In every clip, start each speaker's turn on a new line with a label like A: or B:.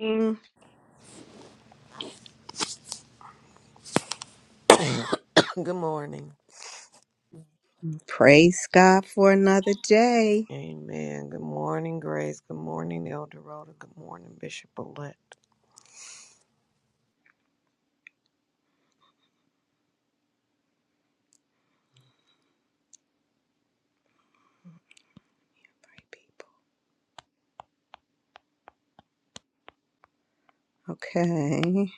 A: Mm.
B: Good morning.
A: Praise God for another day.
B: Amen. Good morning, Grace. Good morning, Elder Rhoda. Good morning, Bishop Elect.
A: Okay.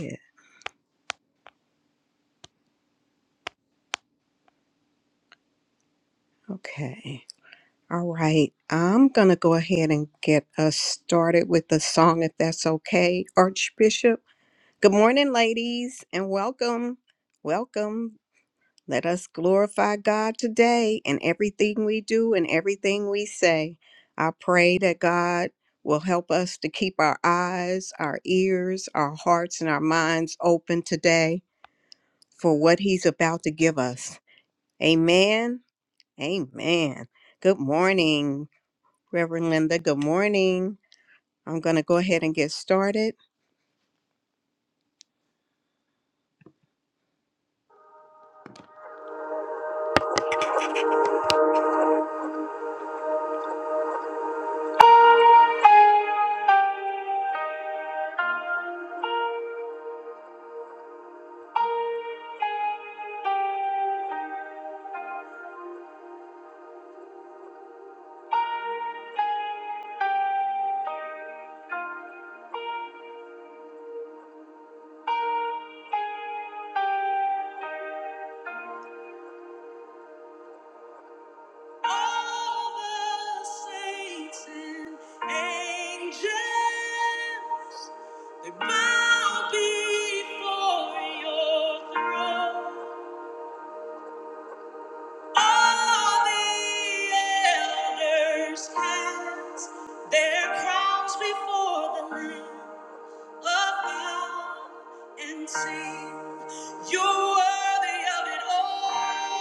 A: Yeah. Okay. All right. I'm going to go ahead and get us started with the song, if that's okay. Archbishop, good morning, ladies, and welcome. Welcome. Let us glorify God today in everything we do and everything we say. I pray that God will help us to keep our eyes, our ears, our hearts, and our minds open today for what he's about to give us. Amen. Amen. Good morning, Reverend Linda. Good morning. I'm going to go ahead and get started. All the saints and angels, they bow before your throne. All the elders cast their crowns before the Lamb. Love out and sing. You're worthy of it all.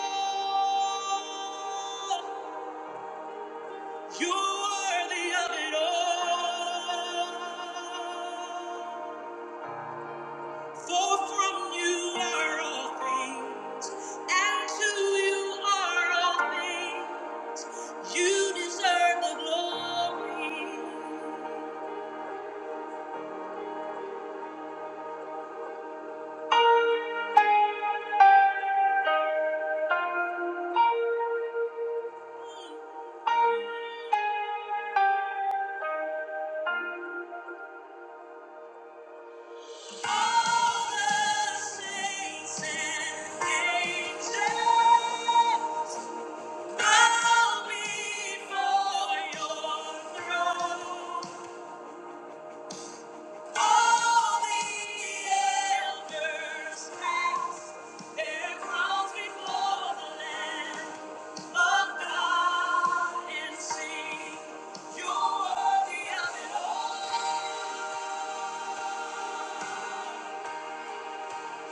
A: You're worthy of it all. For from you are all things, and to you are all things. You deserve the glory.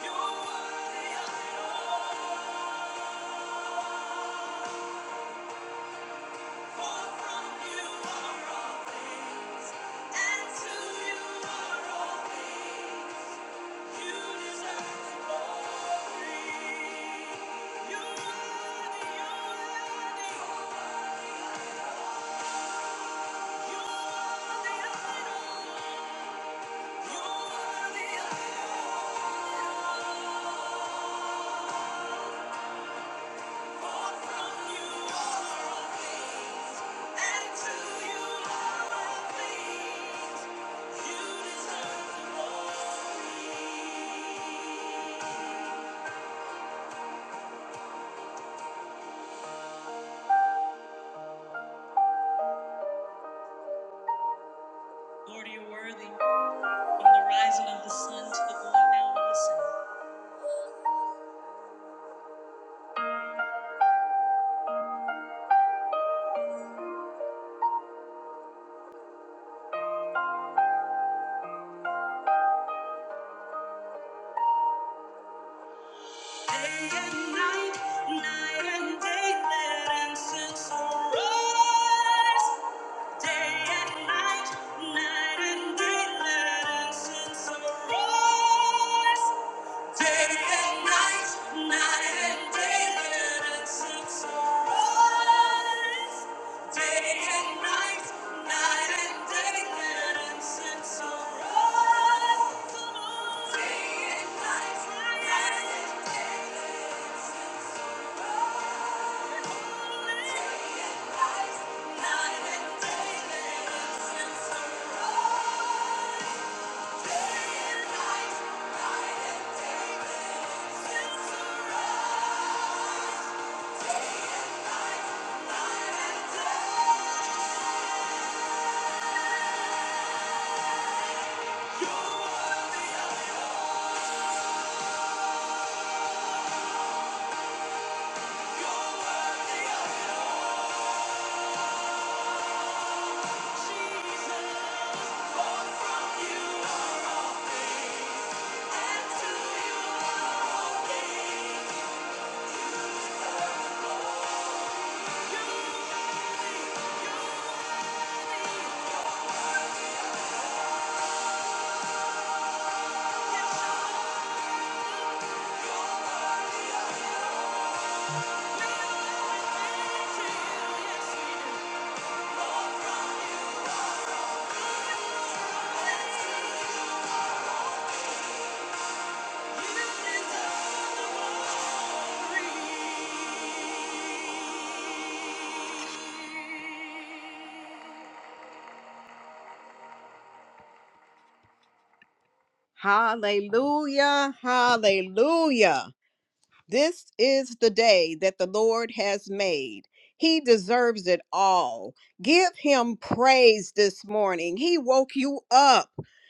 A: You're worthy of it all. from you are all Lord, you're worthy from the rising of the sun to the going down of the sun. Day and night, night and day, let incense arise. Day and night, night and day, let incense arise. Day and night, night and day, let us sing sorrows. Day and night, night and day, let us sing sorrows. Day and night, night and day, let us sing sorrows. Day and night, night and day, let us sing sorrows. Thank you Hallelujah, hallelujah. This is the day that the Lord has made. He deserves it all. Give him praise this morning. He woke you up,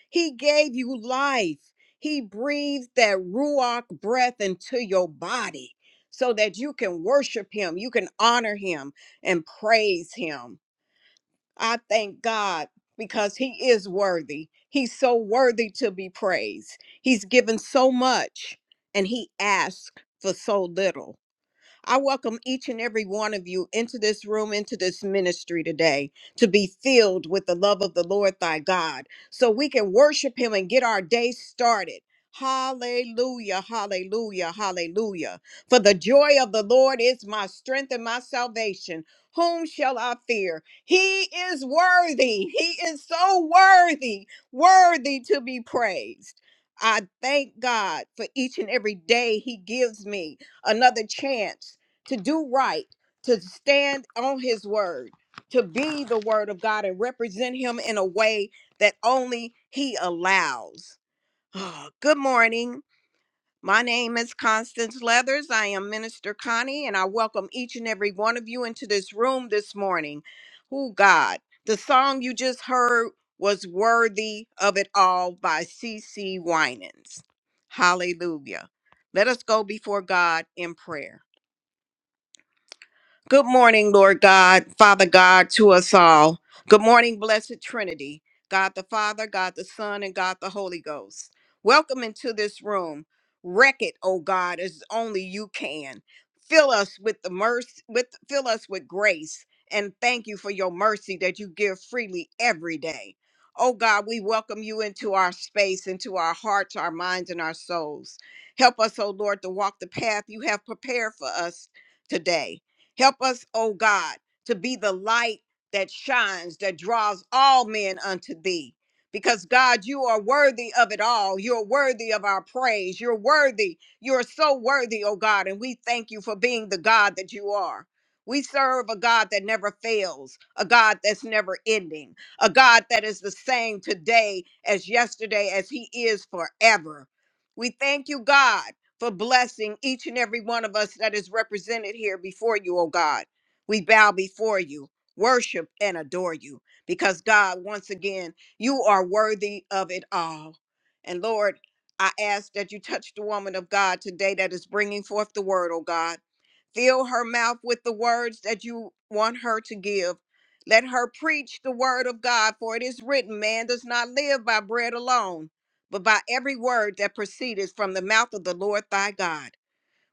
A: he gave you life. He breathed that Ruach breath into your body so that you can worship him, you can honor him, and praise him. I thank God because He is worthy. He's so worthy to be praised. He's given so much and He asked for so little. I welcome each and every one of you into this room, into this ministry today, to be filled with the love of the Lord thy God, so we can worship him and get our day started. Hallelujah, hallelujah, hallelujah. For the joy of the Lord is my strength and my salvation. Whom shall I fear? He is worthy. He is so worthy, worthy to be praised. I thank God for each and every day He gives me another chance to do right, to stand on his word, to be the word of God and represent him in a way that only he allows. Ah, Good morning. My name is Constance Leathers. I am Minister Connie, and I welcome each and every one of you into this room this morning. Oh, God, the song you just heard was Worthy of It All by C. C. Winans. Hallelujah. Let us go before God in prayer. Good morning, Lord God, Father God, to us all. Good morning, Blessed Trinity, God the Father, God the Son, and God the Holy Ghost. Welcome into this room. Wreck it, O God, as only you can. Fill us with the mercy, with fill us with grace, and thank you for your mercy that you give freely every day. Oh God, we welcome you into our space, into our hearts, our minds, and our souls. Help us, O Lord, to walk the path you have prepared for us today. Help us, O God, to be the light that shines, that draws all men unto thee. Because God, you are worthy of it all. You're worthy of our praise. You're worthy. You're so worthy, O God. And we thank you for being the God that you are. We serve a God that never fails, a God that's never ending, a God that is the same today as yesterday, as he is forever. We thank you, God for blessing each and every one of us that is represented here before you, oh God. We bow before you, worship and adore you, because God, once again, you are worthy of it all. And Lord, I ask that you touch the woman of God today that is bringing forth the word, oh God. Fill her mouth with the words that you want her to give. Let her preach the word of God, for it is written, man does not live by bread alone but by every word that proceedeth from the mouth of the Lord thy God.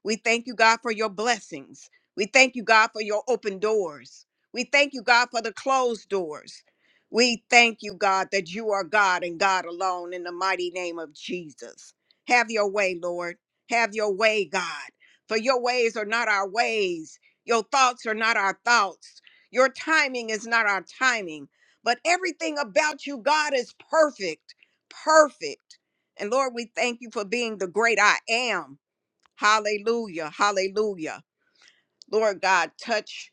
A: We thank you, God, for your blessings. We thank you, God, for your open doors. We thank you, God, for the closed doors. We thank you, God, that you are God and God alone in the mighty name of Jesus. Have your way, Lord. Have your way, God. For your ways are not our ways, your thoughts are not our thoughts, your timing is not our timing. But everything about you, God, is perfect, perfect. And Lord, we thank you for being the great I am. Hallelujah. Hallelujah. Lord God, touch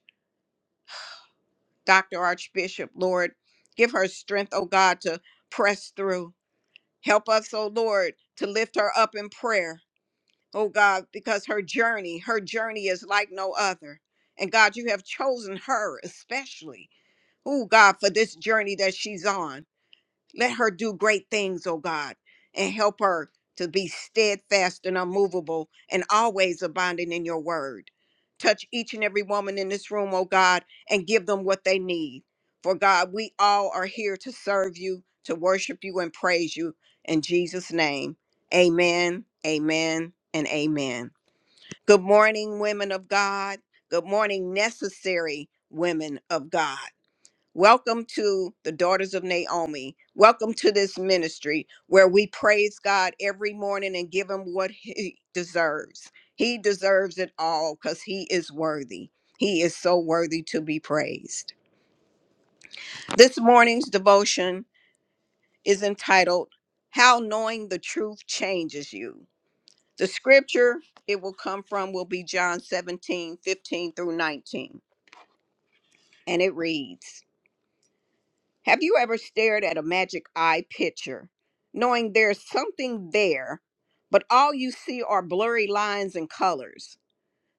A: Dr. Archbishop, Lord. Give her strength, oh God, to press through. Help us, oh Lord, to lift her up in prayer, oh God, because her journey, her journey is like no other. And God, you have chosen her especially, oh God, for this journey that she's on. Let her do great things, oh God, and help her to be steadfast and unmovable and always abounding in your word. Touch each and every woman in this room, oh God, and give them what they need. For God, we all are here to serve you, to worship you, and praise you. In Jesus' name, amen, amen, and amen. Good morning, women of God. Good morning, necessary women of God. Welcome to the Daughters of Naomi. Welcome to this ministry where we praise God every morning and give him what he deserves. He deserves it all because he is worthy. He is so worthy to be praised. This morning's devotion is entitled How Knowing the Truth Changes You. The scripture it will come from will be John 17 15 through 19. And it reads. Have you ever stared at a magic eye picture, knowing there's something there, but all you see are blurry lines and colors?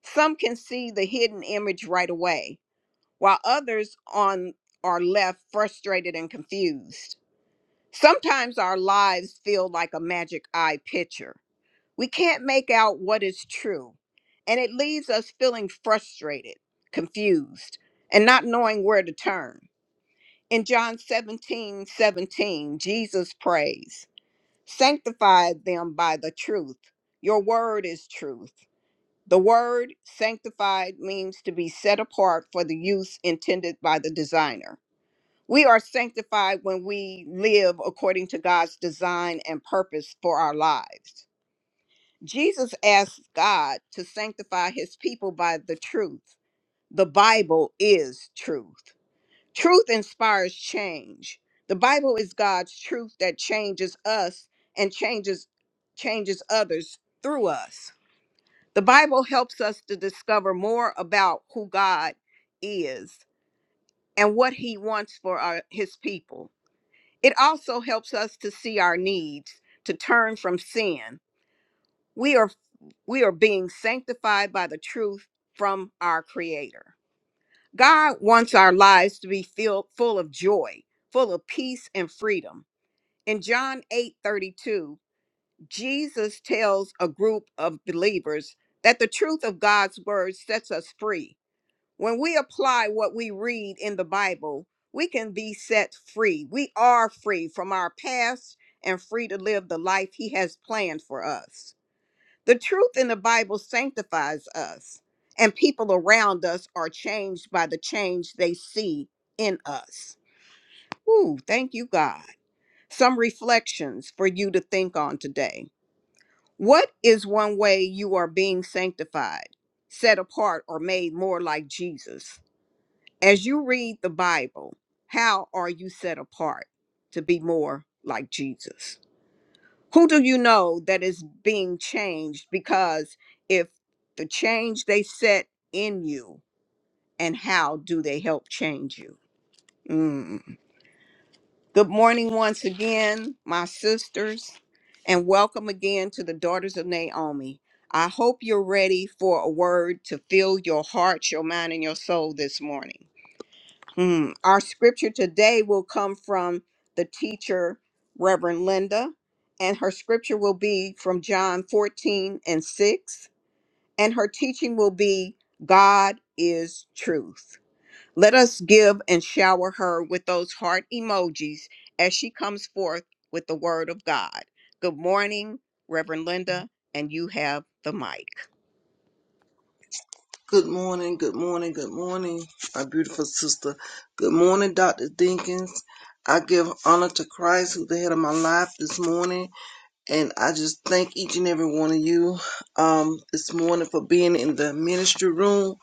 A: Some can see the hidden image right away, while others on are left frustrated and confused. Sometimes our lives feel like a magic eye picture. We can't make out what is true, and it leaves us feeling frustrated, confused, and not knowing where to turn. In John 17 17, Jesus prays, Sanctify them by the truth. Your word is truth. The word sanctified means to be set apart for the use intended by the designer. We are sanctified when we live according to God's design and purpose for our lives. Jesus asked God to sanctify his people by the truth. The Bible is truth. Truth inspires change. The Bible is God's truth that changes us and changes changes others through us. The Bible helps us to discover more about who God is and what he wants for our, his people. It also helps us to see our needs, to turn from sin. We are we are being sanctified by the truth from our creator. God wants our lives to be filled full of joy, full of peace and freedom. In John 8 32, Jesus tells a group of believers that the truth of God's word sets us free. When we apply what we read in the Bible, we can be set free. We are free from our past and free to live the life He has planned for us. The truth in the Bible sanctifies us, and people around us are changed by the change they see in us. Ooh, thank you, God. Some reflections for you to think on today. What is one way you are being sanctified, set apart, or made more like Jesus? As you read the Bible, how are you set apart to be more like Jesus? who do you know that is being changed because if the change they set in you and how do they help change you Mm. good morning once again my sisters and welcome again to the daughters of naomi i hope you're ready for a word to fill your heart your mind and your soul this morning Mm. Our scripture today will come from the teacher, Reverend Linda, and her scripture will be from John 14 and 6, and her teaching will be God is truth. Let us give and shower her with those heart emojis as she comes forth with the word of God. Good morning, Reverend Linda, and you have the mic.
C: Good morning, good morning, good morning, my beautiful sister. Good morning, Dr. Dinkins. I give honor to Christ, who's the head of my life this morning, and I just thank each and every one of you um, this morning for being in the ministry room.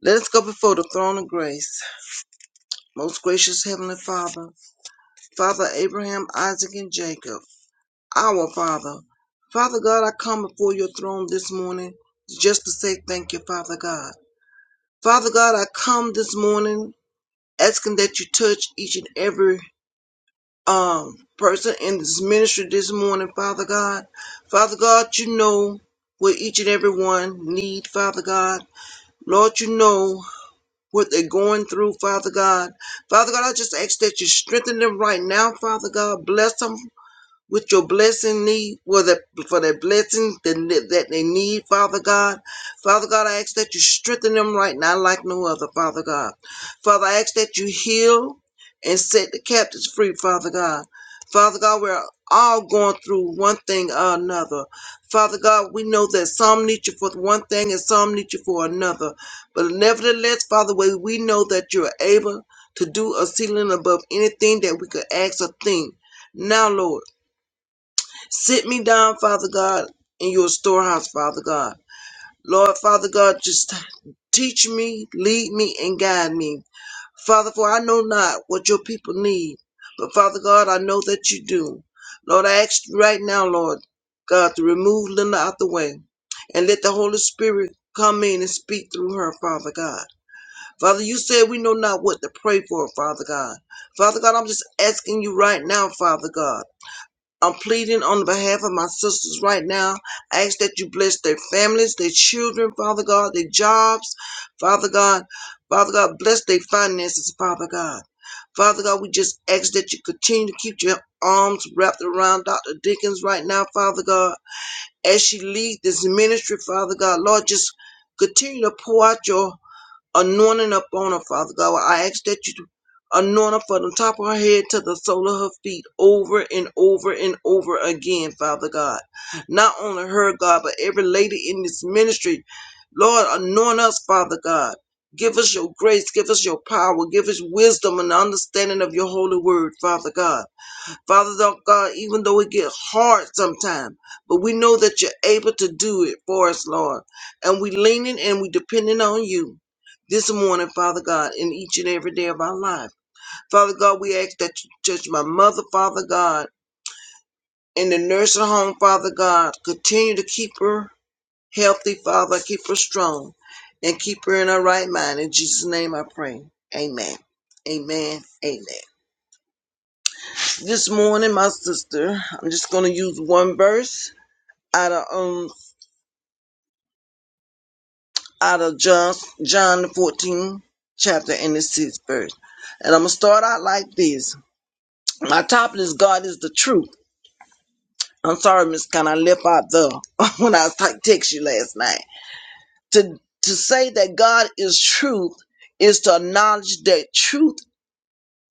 C: Let us go before the throne of grace. Most gracious Heavenly Father, Father Abraham, Isaac, and Jacob, our Father. Father God, I come before your throne this morning just to say thank you, Father God. Father God, I come this morning asking that you touch each and every um person in this ministry this morning, Father God. Father God, you know what each and every one need, Father God. Lord, you know what they're going through, Father God. Father God, I just ask that you strengthen them right now, Father God. Bless them, with your blessing need for that for that blessing that, that they need, Father God. Father God, I ask that you strengthen them right now like no other, Father God. Father, I ask that you heal and set the captives free, Father God. Father God, we're all going through one thing or another. Father God, we know that some need you for one thing and some need you for another. But nevertheless, Father, we we know that you're able to do a ceiling above anything that we could ask or think. Now, Lord. Sit me down, Father God, in your storehouse, Father God. Lord, Father God, just teach me, lead me, and guide me. Father, for I know not what your people need, but Father God, I know that you do. Lord, I ask you right now, Lord God, to remove Linda out the way and let the Holy Spirit come in and speak through her, Father God. Father, you said we know not what to pray for, Father God. Father God, I'm just asking you right now, Father God. I'm pleading on behalf of my sisters right now. I ask that you bless their families, their children, Father God, their jobs, Father God. Father God, bless their finances, Father God. Father God, we just ask that you continue to keep your arms wrapped around Dr. Dickens right now, Father God. As she leads this ministry, Father God, Lord, just continue to pour out your anointing upon her, Father God. Well, I ask that you anoint her from the top of her head to the sole of her feet over and over and over again, Father God. Not only her, God, but every lady in this ministry. Lord, anoint us, Father God. Give us your grace, give us your power, give us wisdom and understanding of your holy word, Father God. Father God, even though it gets hard sometimes, but we know that you're able to do it for us, Lord. And we leaning and we depending on you this morning, Father God, in each and every day of our life. Father God, we ask that you touch my mother, Father God, in the nursing home, Father God. Continue to keep her healthy, Father. Keep her strong and keep her in her right mind. In Jesus' name I pray. Amen. Amen. Amen. This morning, my sister, I'm just gonna use one verse out of um out of John John the 14th chapter and the sixth verse. And I'm gonna start out like this. My topic is God is the truth. I'm sorry, Miss Con, I left out the when I was t- text you last night. To to say that God is truth is to acknowledge that truth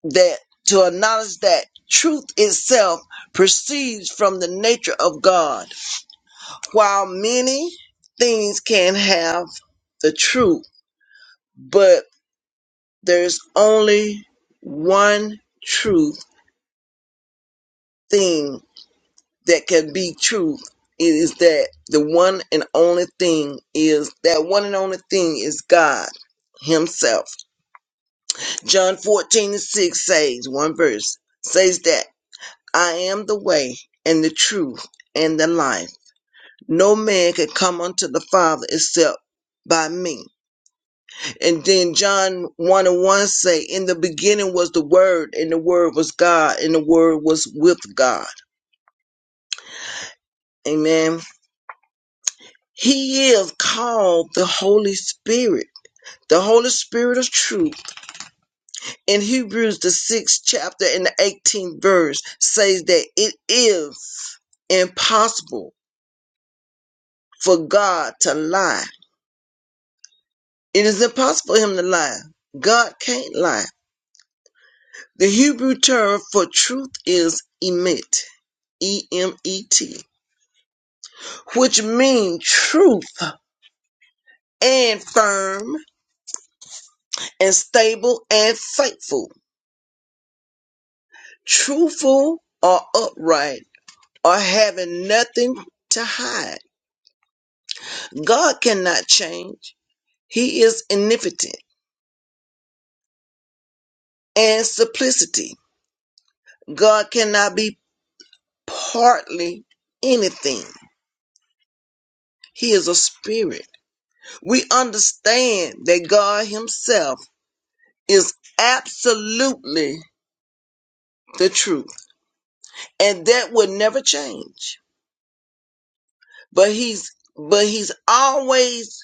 C: that to acknowledge that truth itself proceeds from the nature of God While many things can have the truth, but there's only one truth thing that can be truth. It is that the one and only thing is that one and only thing is God Himself. John 14 and 6 says, one verse says that I am the way and the truth and the life. No man can come unto the Father except by me. And then John 1 and 1 say, In the beginning was the Word, and the Word was God, and the Word was with God. Amen. He is called the Holy Spirit, the Holy Spirit of truth. In Hebrews, the sixth chapter and the 18th verse says that it is impossible for God to lie. It is impossible for him to lie. God can't lie. The Hebrew term for truth is emet, E M E T. which mean truth and firm and stable and faithful, truthful or upright or having nothing to hide. God cannot change. He is omnipotent and simplicity. God cannot be partly anything. He is a spirit. We understand that God himself is absolutely the truth and that will never change but he's but he's always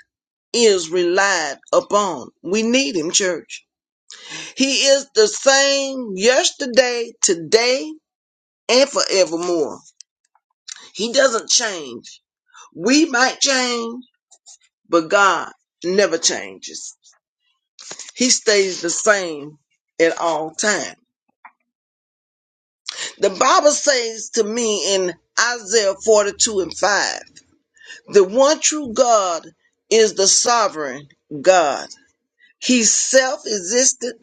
C: is relied upon. We need him, church. He is the same yesterday, today, and forevermore. He doesn't change. We might change, but God never changes. He stays the same at all times. The Bible says to me in Isaiah 42 and 5, the one true God is the sovereign God He's self existent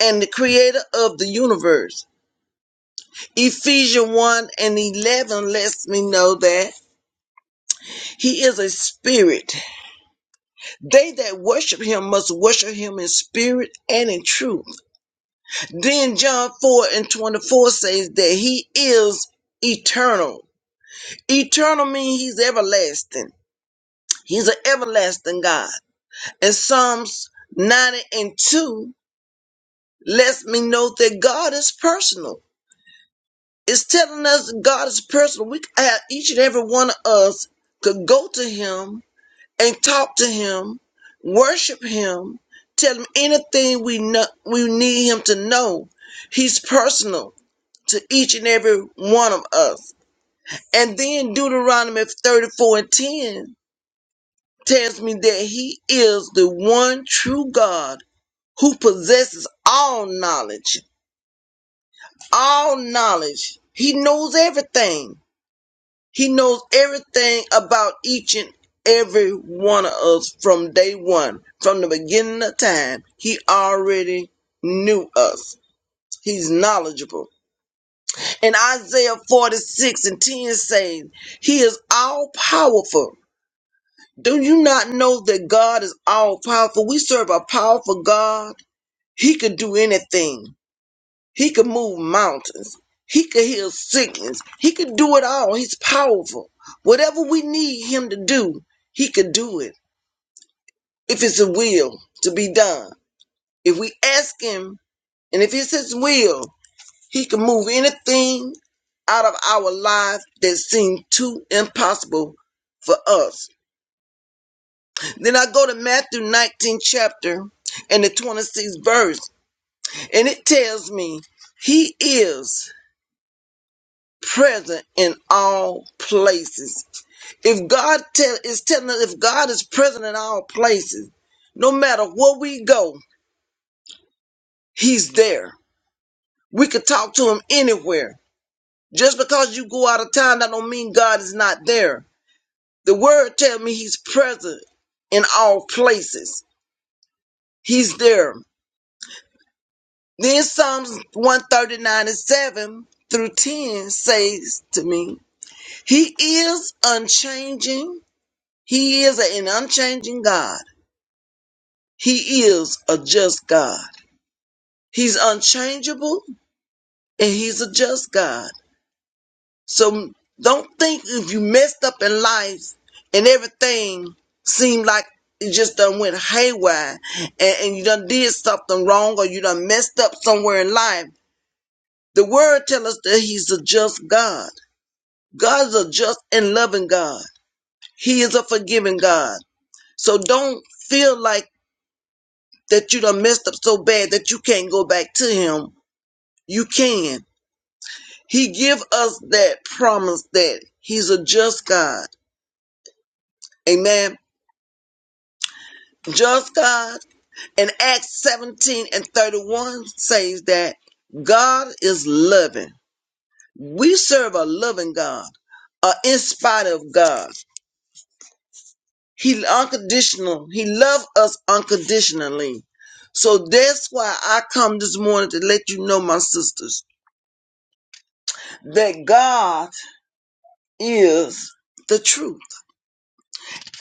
C: and the creator of the universe. Ephesians 1 and 11 lets me know that he is a spirit. They that worship him must worship him in spirit and in truth. Then John 4 and 24 says that he is eternal. Eternal means he's everlasting. He's an everlasting God. And Psalms 90 and 2 lets me know that God is personal. It's telling us that God is personal. We have, each and every one of us could go to Him and talk to Him, worship Him, tell Him anything we know, we need Him to know. He's personal to each and every one of us. And then Deuteronomy 34 and 10 tells me that He is the one true God who possesses all knowledge. All knowledge. He knows everything He knows everything about each and every one of us from day one, from the beginning of time. He already knew us. He's knowledgeable. And Isaiah 46 and 10 says, He is all powerful. Do you not know that God is all powerful? We serve a powerful God. He could do anything. He could move mountains. He could heal sickness. He could do it all. He's powerful. Whatever we need him to do, he could do it if it's a will to be done. If we ask him and if it's his will, he can move anything out of our lives that seem too impossible for us. Then I go to Matthew 19 chapter and the 26th verse and it tells me he is present in all places. If God tell, is telling us, if God is present in all places, no matter where we go, He's there. We could talk to Him anywhere. Just because you go out of town, that don't mean God is not there. The Word tells me He's present in all places. He's there. Then Psalms one thirty nine and seven through ten says to me, He is unchanging He is an unchanging God. He is a just God. He's unchangeable and he's a just God. So don't think if you messed up in life and everything seemed like it just done went haywire and, and you done did something wrong or you done messed up somewhere in life. The word tells us that he's a just God. God is a just and loving God. He is a forgiving God. So don't feel like that you done messed up so bad that you can't go back to him. You can. He give us that promise that he's a just God. Amen. Just God. And Acts 17 and 31 says that God is loving. We serve a loving God, uh, in spite of God. He unconditional. He loves us unconditionally. So that's why I come this morning to let you know, my sisters, that God is the truth.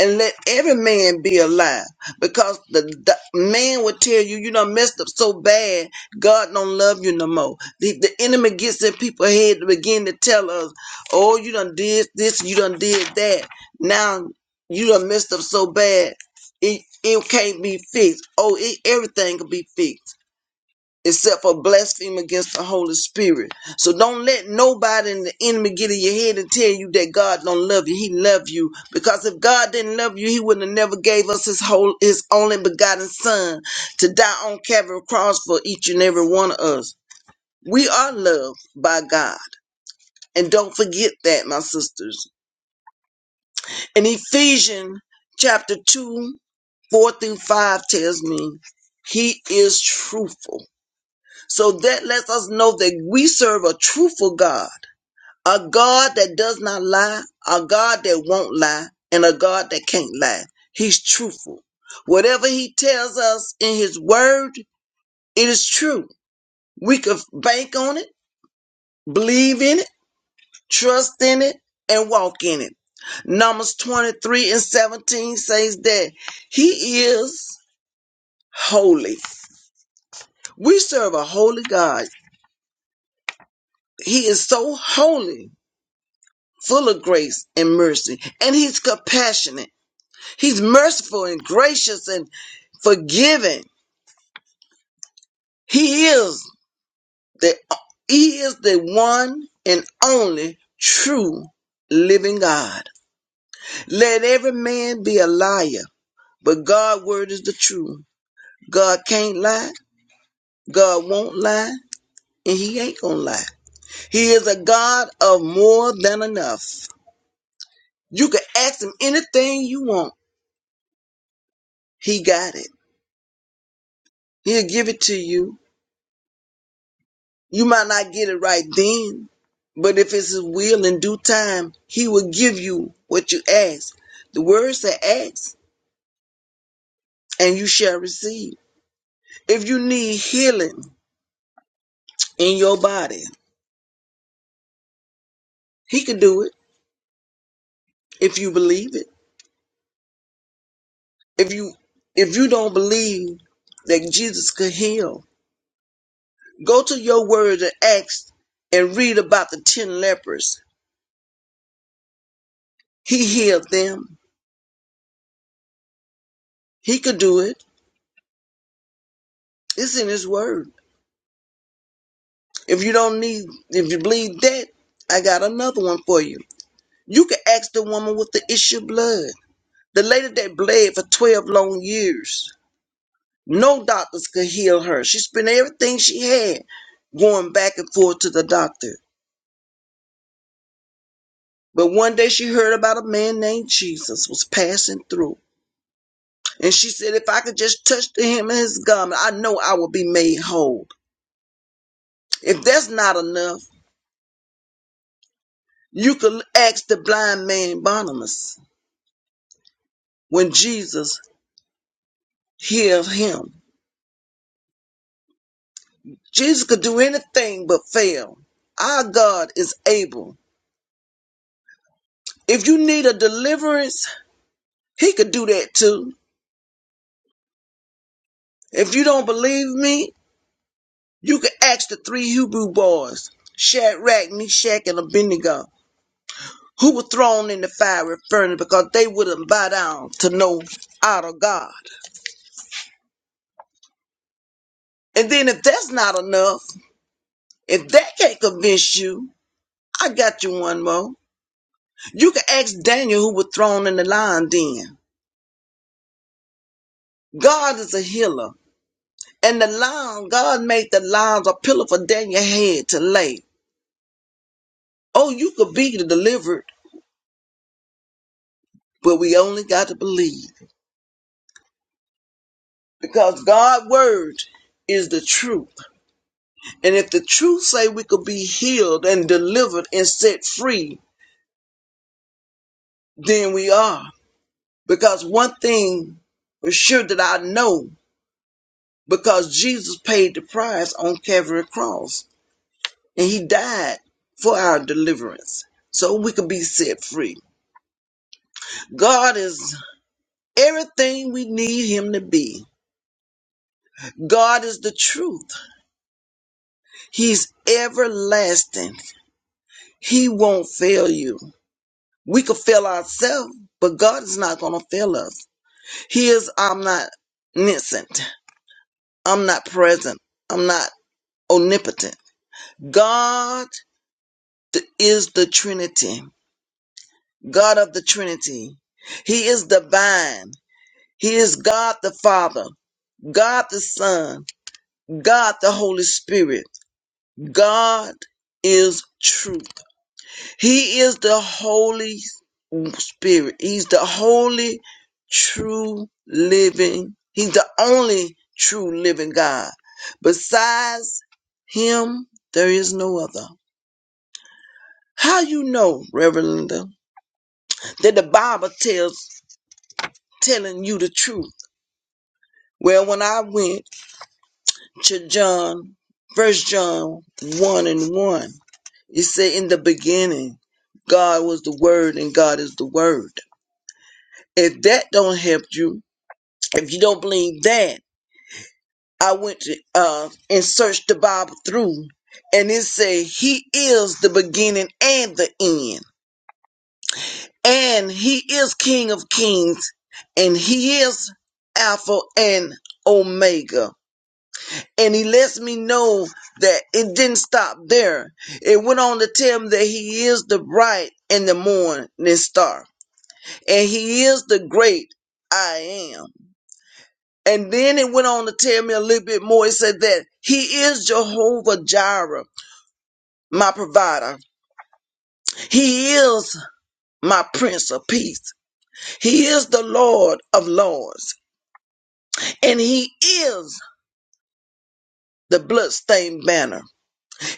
C: And let every man be a liar, because the, the man will tell you, you done messed up so bad, God don't love you no more. The, the enemy gets in people's head to begin to tell us, oh, you done did this, you done did that. Now you done messed up so bad, it, it can't be fixed. Oh, it, everything can be fixed except for blaspheme against the Holy Spirit. So don't let nobody in the enemy get in your head and tell you that God don't love you. He love you because if God didn't love you, He would not have never gave us His whole His only begotten Son to die on Calvary cross for each and every one of us. We are loved by God, and don't forget that, my sisters. In Ephesians chapter two, four through five tells me He is truthful. So that lets us know that we serve a truthful God, a God that does not lie, a God that won't lie, and a God that can't lie. He's truthful. Whatever he tells us in his word, it is true. We can bank on it, believe in it, trust in it, and walk in it. Numbers 23 and 17 says that he is holy. We serve a holy God. He is so holy full of grace and mercy, and he's compassionate. He's merciful and gracious and forgiving. He is the he is the one and only true living God. Let every man be a liar, but God's word is the truth. God can't lie, God won't lie, and he ain't gonna lie. He is a God of more than enough. You can ask him anything you want. He got it. He'll give it to you You might not get it right then, but if it's His will in due time, He will give you what you ask. The word said, ask and you shall receive. If you need healing in your body, He can do it if you believe it. If you if you don't believe that Jesus could heal, go to your word and ask and read about the ten lepers. He healed them. He could do it. It's in His word. If you don't need, if you bleed that, I got another one for you. You can ask the woman with the issue of blood. The lady that bled for 12 long years. No doctors could heal her. She spent everything she had going back and forth to the doctor. But one day she heard about a man named Jesus was passing through. And she said, if I could just touch the hem of his garment, I know I will be made whole. If that's not enough, you could ask the blind man Barnabas when Jesus hear of him. Jesus could do anything but fail. Our God is able. If you need a deliverance, he could do that too. If you don't believe me, you can ask the three Hebrew boys, Shadrach, Meshach, and Abednego, who were thrown in the fiery furnace because they wouldn't bow down to no idol God. And then if that's not enough, if that can't convince you, I got you one more. You can ask Daniel who was thrown in the lion den. God is a healer. And the lion, God made the lions a pillow for Daniel's head to lay. Oh, you could be the delivered, but we only got to believe. Because God's word is the truth. And if the truth say we could be healed and delivered and set free, then we are. Because one thing for sure that I know, because Jesus paid the price on Calvary cross. And he died for our deliverance. So we could be set free. God is everything we need Him to be. God is the truth. He's everlasting. He won't fail you. We could fail ourselves, but God is not going to fail us. He is omniscient. I'm not present. I'm not omnipotent. God th- is the Trinity, God of the Trinity. He is divine. He is God the Father, God the Son, God the Holy Spirit. God is truth. He is the Holy Spirit. He's the holy, true, living. He's the only true living God. Besides him, there is no other. How you know, Reverend Linda, that the Bible tells telling you the truth? Well, when I went to John, first John one and one, You say in the beginning, God was the word and God is the word. If that don't help you, if you don't believe that, I went to uh and searched the Bible through and it say he is the beginning and the end. And he is King of Kings and he is Alpha and Omega. And he lets me know that it didn't stop there. It went on to tell him that he is the bright and the morning star and he is the great I am. And then it went on to tell me a little bit more. It said that he is Jehovah Jireh, my provider. He is my prince of peace. He is the Lord of lords. And he is the bloodstained banner.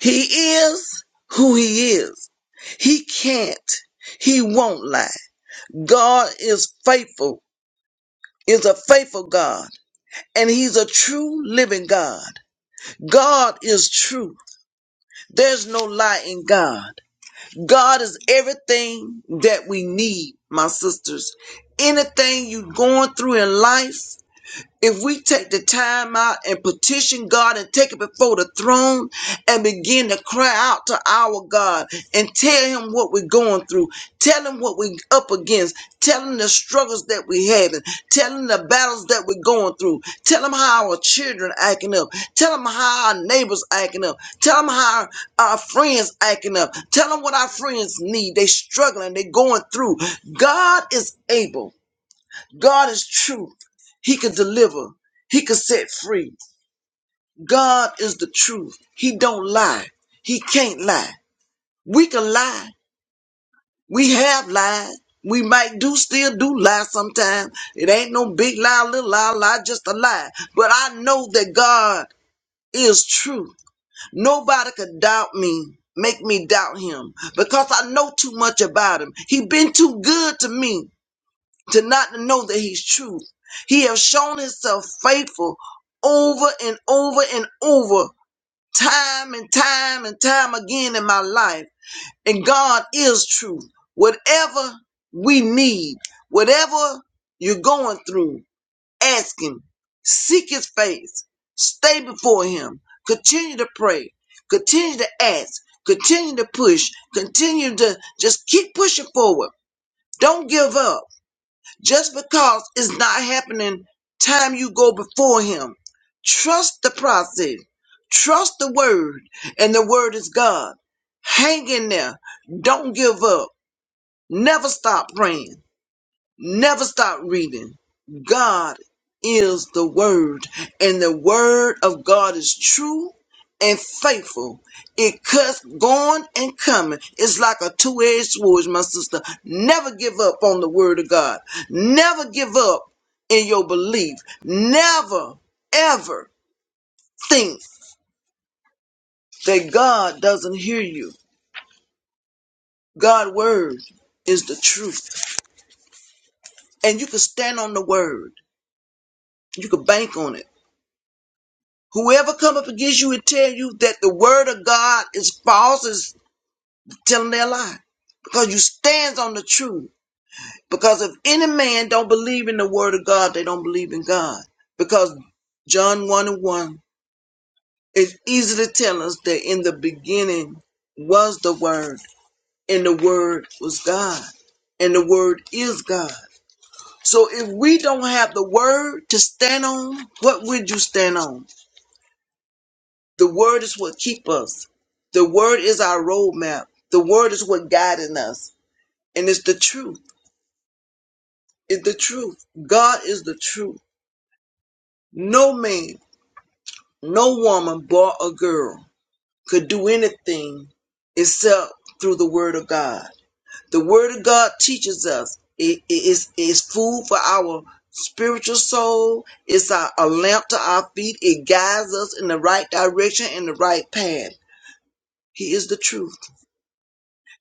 C: He is who he is. He can't. He won't lie. God is faithful, is a faithful God. And he's a true living God. God is truth. There's no lie in God. God is everything that we need, my sisters. Anything you're going through in life, if we take the time out and petition God and take it before the throne and begin to cry out to our God and tell Him what we're going through, tell Him what we're up against, tell Him the struggles that we're having, tell Him the battles that we're going through, tell Him how our children acting up, tell Him how our neighbors acting up, tell Him how our friends acting up, tell Him what our friends need. They struggling, they going through. God is able. God is truth. He can deliver. He can set free. God is the truth. He don't lie. He can't lie. We can lie. We have lied. We might do still do lie sometime. It ain't no big lie, little lie, lie, just a lie. But I know that God is truth. Nobody could doubt me, make me doubt him because I know too much about him. He been too good to me. to not to know that he's truth. He has shown himself faithful over and over and over, time and time and time again in my life. And God is truth. Whatever we need, whatever you're going through, ask him. Seek his face. Stay before him. Continue to pray. Continue to ask. Continue to push. Continue to just keep pushing forward. Don't give up just because it's not happening time you go before him. Trust the process. Trust the word. And the word is God. Hang in there. Don't give up. Never stop praying. Never stop reading. God is the Word, and the Word of God is true and faithful. It cuts going and coming. It's like a two edged sword, my sister. Never give up on the Word of God. Never give up in your belief. Never, ever think that God doesn't hear you. God's Word is the truth, and you can stand on the Word, you can bank on it. Whoever come up against you and tell you that the word of God is false is telling their lie. Because you stands on the truth. Because if any man don't believe in the word of God, they don't believe in God. Because John 1 and 1 is easily telling us that in the beginning was the word, and the word was God, and the word is God. So if we don't have the word to stand on, what would you stand on? The word is what keep us. The word is our roadmap. The word is what guiding us. And it's the truth. It's the truth. God is the truth. No man, no woman, boy or girl could do anything except through the word of God. The word of God teaches us. It is it, it's food for our spiritual soul. It's a, a lamp to our feet. It guides us in the right direction and the right path. He is the truth.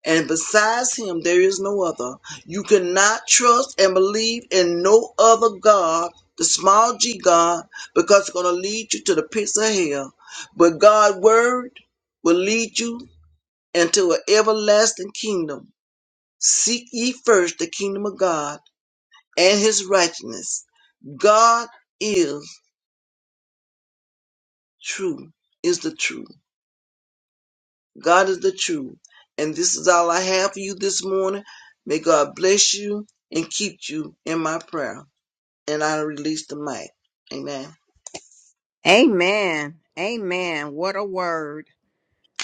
C: and besides him there is no other. You cannot trust and believe in no other God, the small g God, because it's going to lead you to the pits of hell. But God's word will lead you into an everlasting kingdom. Seek ye first the kingdom of God and his righteousness. God is true, is the truth. God is the truth. And this is all I have for you this morning. May God bless you and keep you in my prayer. And I release the mic. Amen.
A: Amen. Amen. What a word.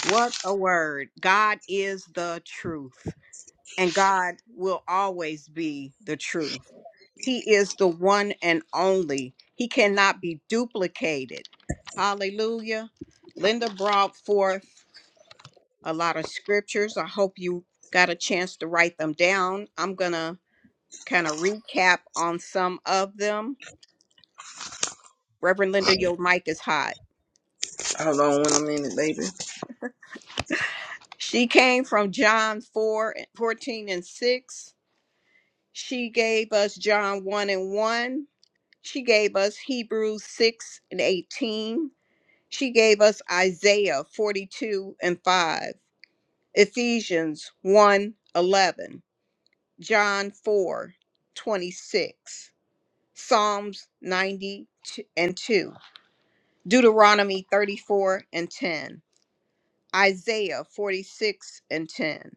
A: What a word. God is the truth, and God will always be the truth. He is the one and only. He cannot be duplicated. Hallelujah. Linda brought forth a lot of scriptures. I hope you got a chance to write them down. I'm going to kind of recap on some of them. Reverend Linda, your mic is hot.
C: Hold on one minute, baby.
A: She came from John 4, 14, and 6. She gave us John 1 and 1. She gave us Hebrews 6 and 18. She gave us Isaiah 42 and 5, Ephesians one 11, John 4 26, Psalms 90 and 2, Deuteronomy 34 and 10, Isaiah 46 and 10,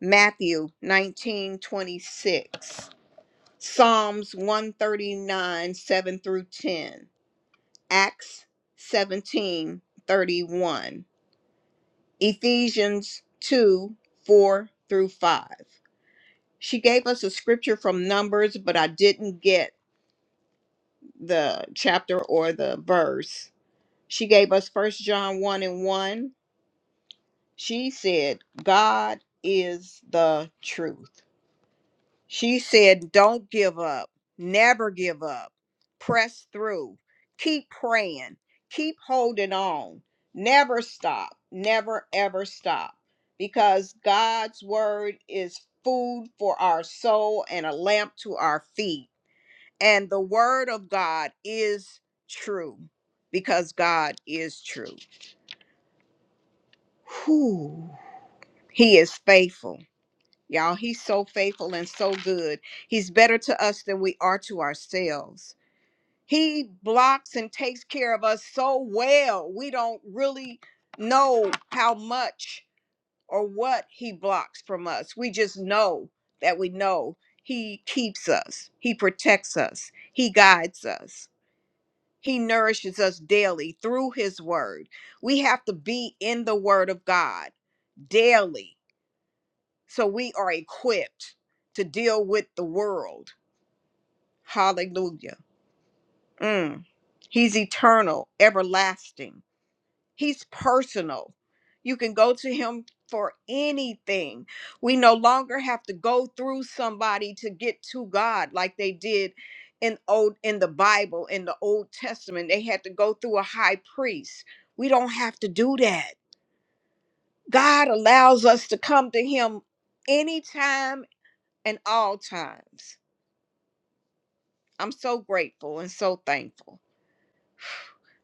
A: Matthew 19 26, Psalms 139 7 through 10, Acts 17 31. Ephesians 2 4 through 5. She gave us a scripture from Numbers, but I didn't get the chapter or the verse. She gave us First John 1 and 1. She said, God is the truth. She said, Don't give up. Never give up. Press through. Keep praying. Keep holding on. Never stop. Never, ever stop. Because God's word is food for our soul and a lamp to our feet. And the word of God is true because God is true. Whew. He is faithful. Y'all, he's so faithful and so good. He's better to us than we are to ourselves. He blocks and takes care of us so well. We don't really know how much or what he blocks from us. We just know that we know he keeps us, he protects us, he guides us. He nourishes us daily through his word. We have to be in the word of God daily so we are equipped to deal with the world. Hallelujah. Mm. He's eternal, everlasting. He's personal. You can go to him for anything. We no longer have to go through somebody to get to God like they did in old in the Bible in the Old Testament. They had to go through a high priest. We don't have to do that. God allows us to come to him anytime and all times. I'm so grateful and so thankful.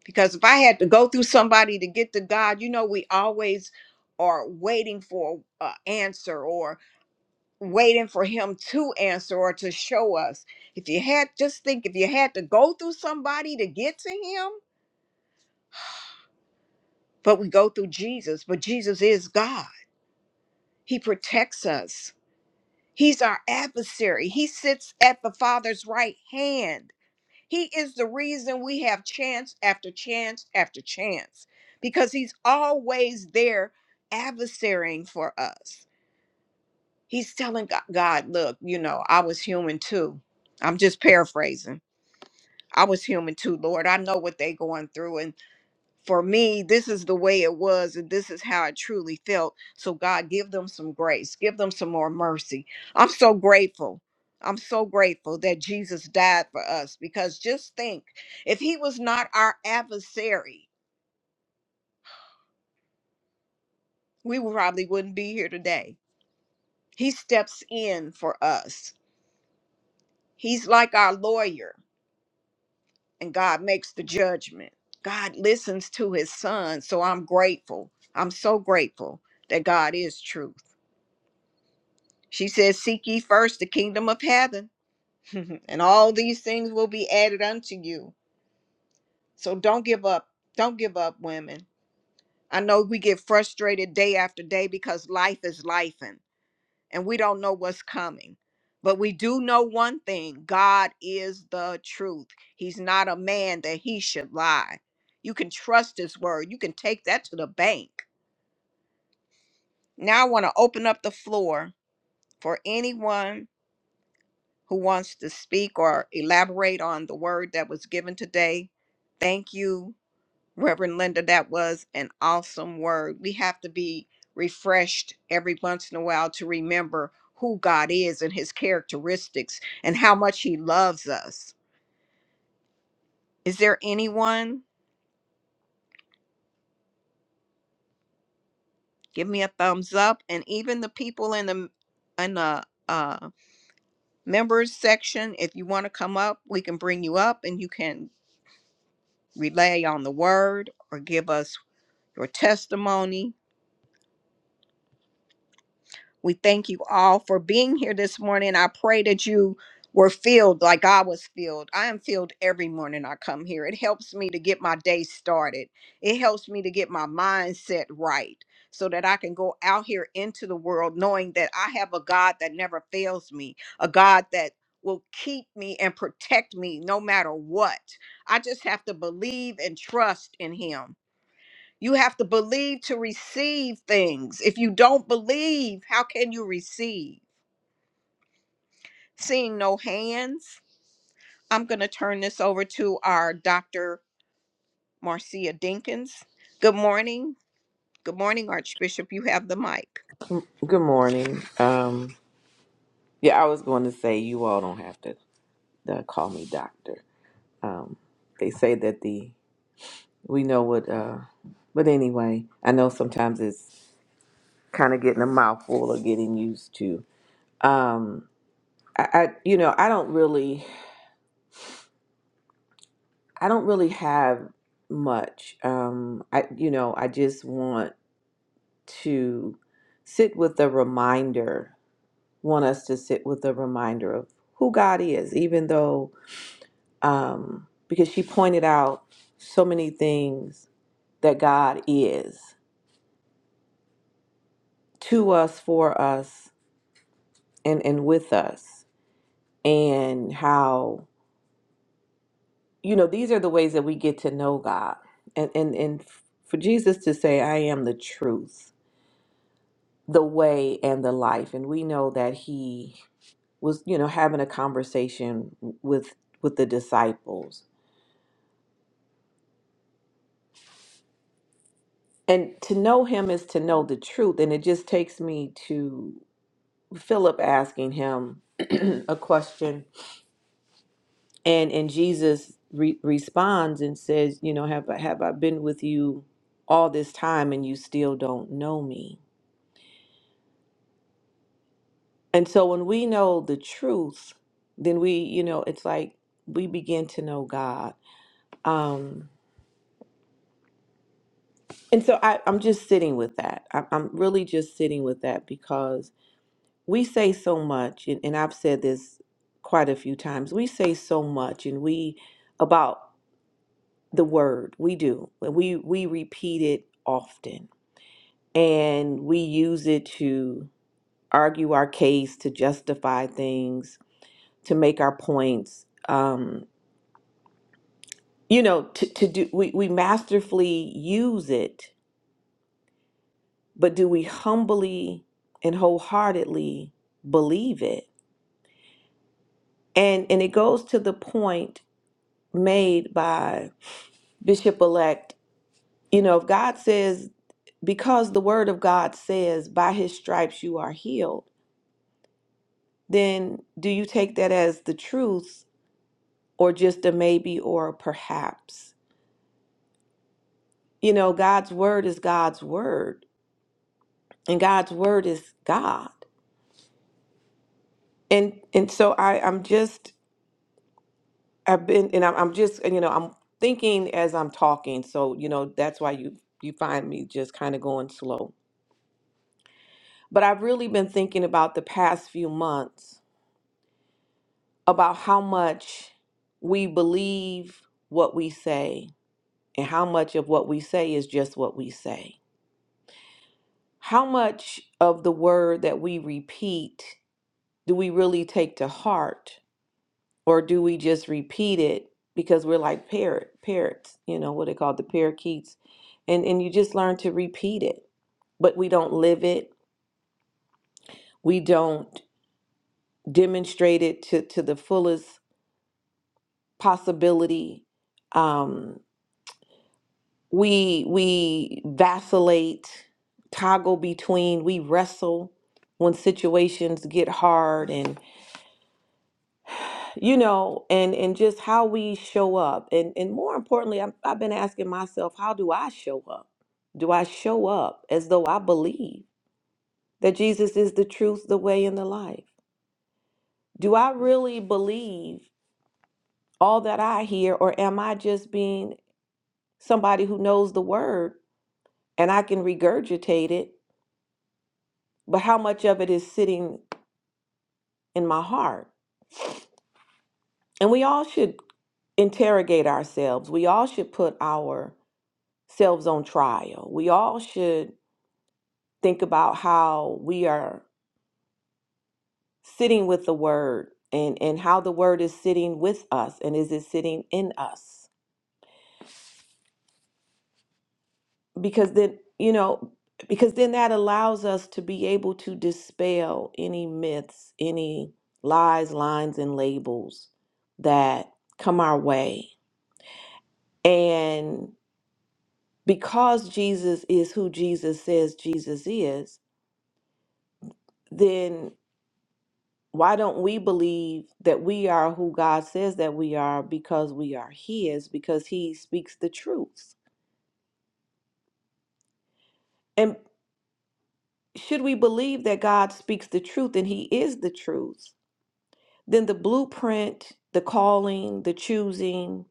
A: Because if I had to go through somebody to get to God, you know, we always are waiting for an answer or waiting for Him to answer or to show us. If you had, just think if you had to go through somebody to get to Him, but we go through Jesus, but Jesus is God. He protects us, He's our adversary. He sits at the Father's right hand He is the reason we have chance after chance after chance because he's always there adversarying for us. He's telling Go- God, look, you know, I was human too. I'm just paraphrasing. I was human too, Lord. I know what they're going through and for me, this is the way it was, and this is how I truly felt. So, God, give them some grace, give them some more mercy. I'm so grateful. I'm so grateful that Jesus died for us because just think if he was not our adversary, we probably wouldn't be here today. He steps in for us, he's like our lawyer, and God makes the judgment. God listens to his son. So, I'm grateful. I'm so grateful that God is truth. She says, Seek ye first the kingdom of heaven, and all these things will be added unto you. So don't give up. Don't give up, women. I know we get frustrated day after day because life is life and we don't know what's coming. But we do know one thing God is the truth. He's not a man that he should lie. You can trust his word, you can take that to the bank. Now I want to open up the floor for anyone who wants to speak or elaborate on the word that was given today. Thank you, Reverend Linda. That was an awesome word. We have to be refreshed every once in a while to remember who God is and his characteristics and how much he loves us. Is there anyone? Give me a thumbs up. And even the people in the in the uh, members section, if you want to come up, we can bring you up and you can relay on the word or give us your testimony. We thank you all for being here this morning. I pray that you were filled like I was filled. I am filled every morning I come here. It helps me to get my day started, it helps me to get my mindset right so that I can go out here into the world knowing that I have a God that never fails me, a God that will keep me and protect me no matter what. I just have to believe and trust in Him. You have to believe to receive things. If you don't believe, how can you receive? Seeing no hands, I'm going to turn this over to our Dr. Marcia Dinkins. Good morning. Good morning, Archbishop. You have the mic.
B: Good morning. Um, yeah, I was going to say you all don't have to uh, call me doctor. Um, they say that the we know what, uh, but anyway, I know sometimes it's kind of getting a mouthful or getting used to. Um, I, I, you know, I don't really, I don't really have much. Um, I, you know, I just want. to sit with the reminder, want us to sit with the reminder of who God is, even though, um, because she pointed out so many things that God is to us, for us, and, and with us, and how, you know, these are the ways that we get to know God. And, and, and for Jesus to say, I am the truth the way and the life and we know that he was you know having a conversation with with the disciples and to know him is to know the truth and it just takes me to philip asking him a question and and jesus re- responds and says you know have i have i been with you all this time and you still don't know me and so when we know the truth then we you know it's like we begin to know god um And so I, I'm just sitting with that. I'm, I'm really just sitting with that because we say so much, and, and I've said this quite a few times. We say so much, and we about the word we do. We we repeat it often, and we use it to argue our case, to justify things, to make our points. Um, you know, to, to do we, we masterfully use it but do we humbly and wholeheartedly believe it and and it goes to the point made by bishop elect you know if god says because the word of god says by his stripes you are healed then do you take that as the truth or just a maybe or a perhaps you know god's word is god's word and god's word is god and and so i i'm just I've been, and I'm, I'm just, you know, I'm thinking as I'm talking. So, you know, that's why you you find me just kind of going slow. But I've really been thinking about the past few months about how much we believe what we say and how much of what we say is just what we say. How much of the word that we repeat do we really take to heart? Or do we just repeat it because we're like parrot parrots, you know, what they call the parakeets. And and you just learn to repeat it. But we don't live it. We don't demonstrate it to, to the fullest possibility. Um, we we vacillate, toggle between, we wrestle when situations get hard and. you know and and just how we show up and and more importantly I've, I've been asking myself how do i show up do i show up as though i believe that jesus is the truth the way and the life do i really believe all that i hear or am i just being somebody who knows the word and i can regurgitate it but how much of it is sitting in my heart and we all should interrogate ourselves we all should put ourselves on trial we all should think about how we are sitting with the word and and how the word is sitting with us and is it sitting in us because then you know because then that allows us to be able to dispel any myths any lies lines and labels that come our way and because Jesus is who Jesus says Jesus is then Why don't we believe that we are who God says that we are because we are His, because He speaks the truth? And should we believe that God speaks the truth and He is the truth, then the blueprint, the calling, the choosing,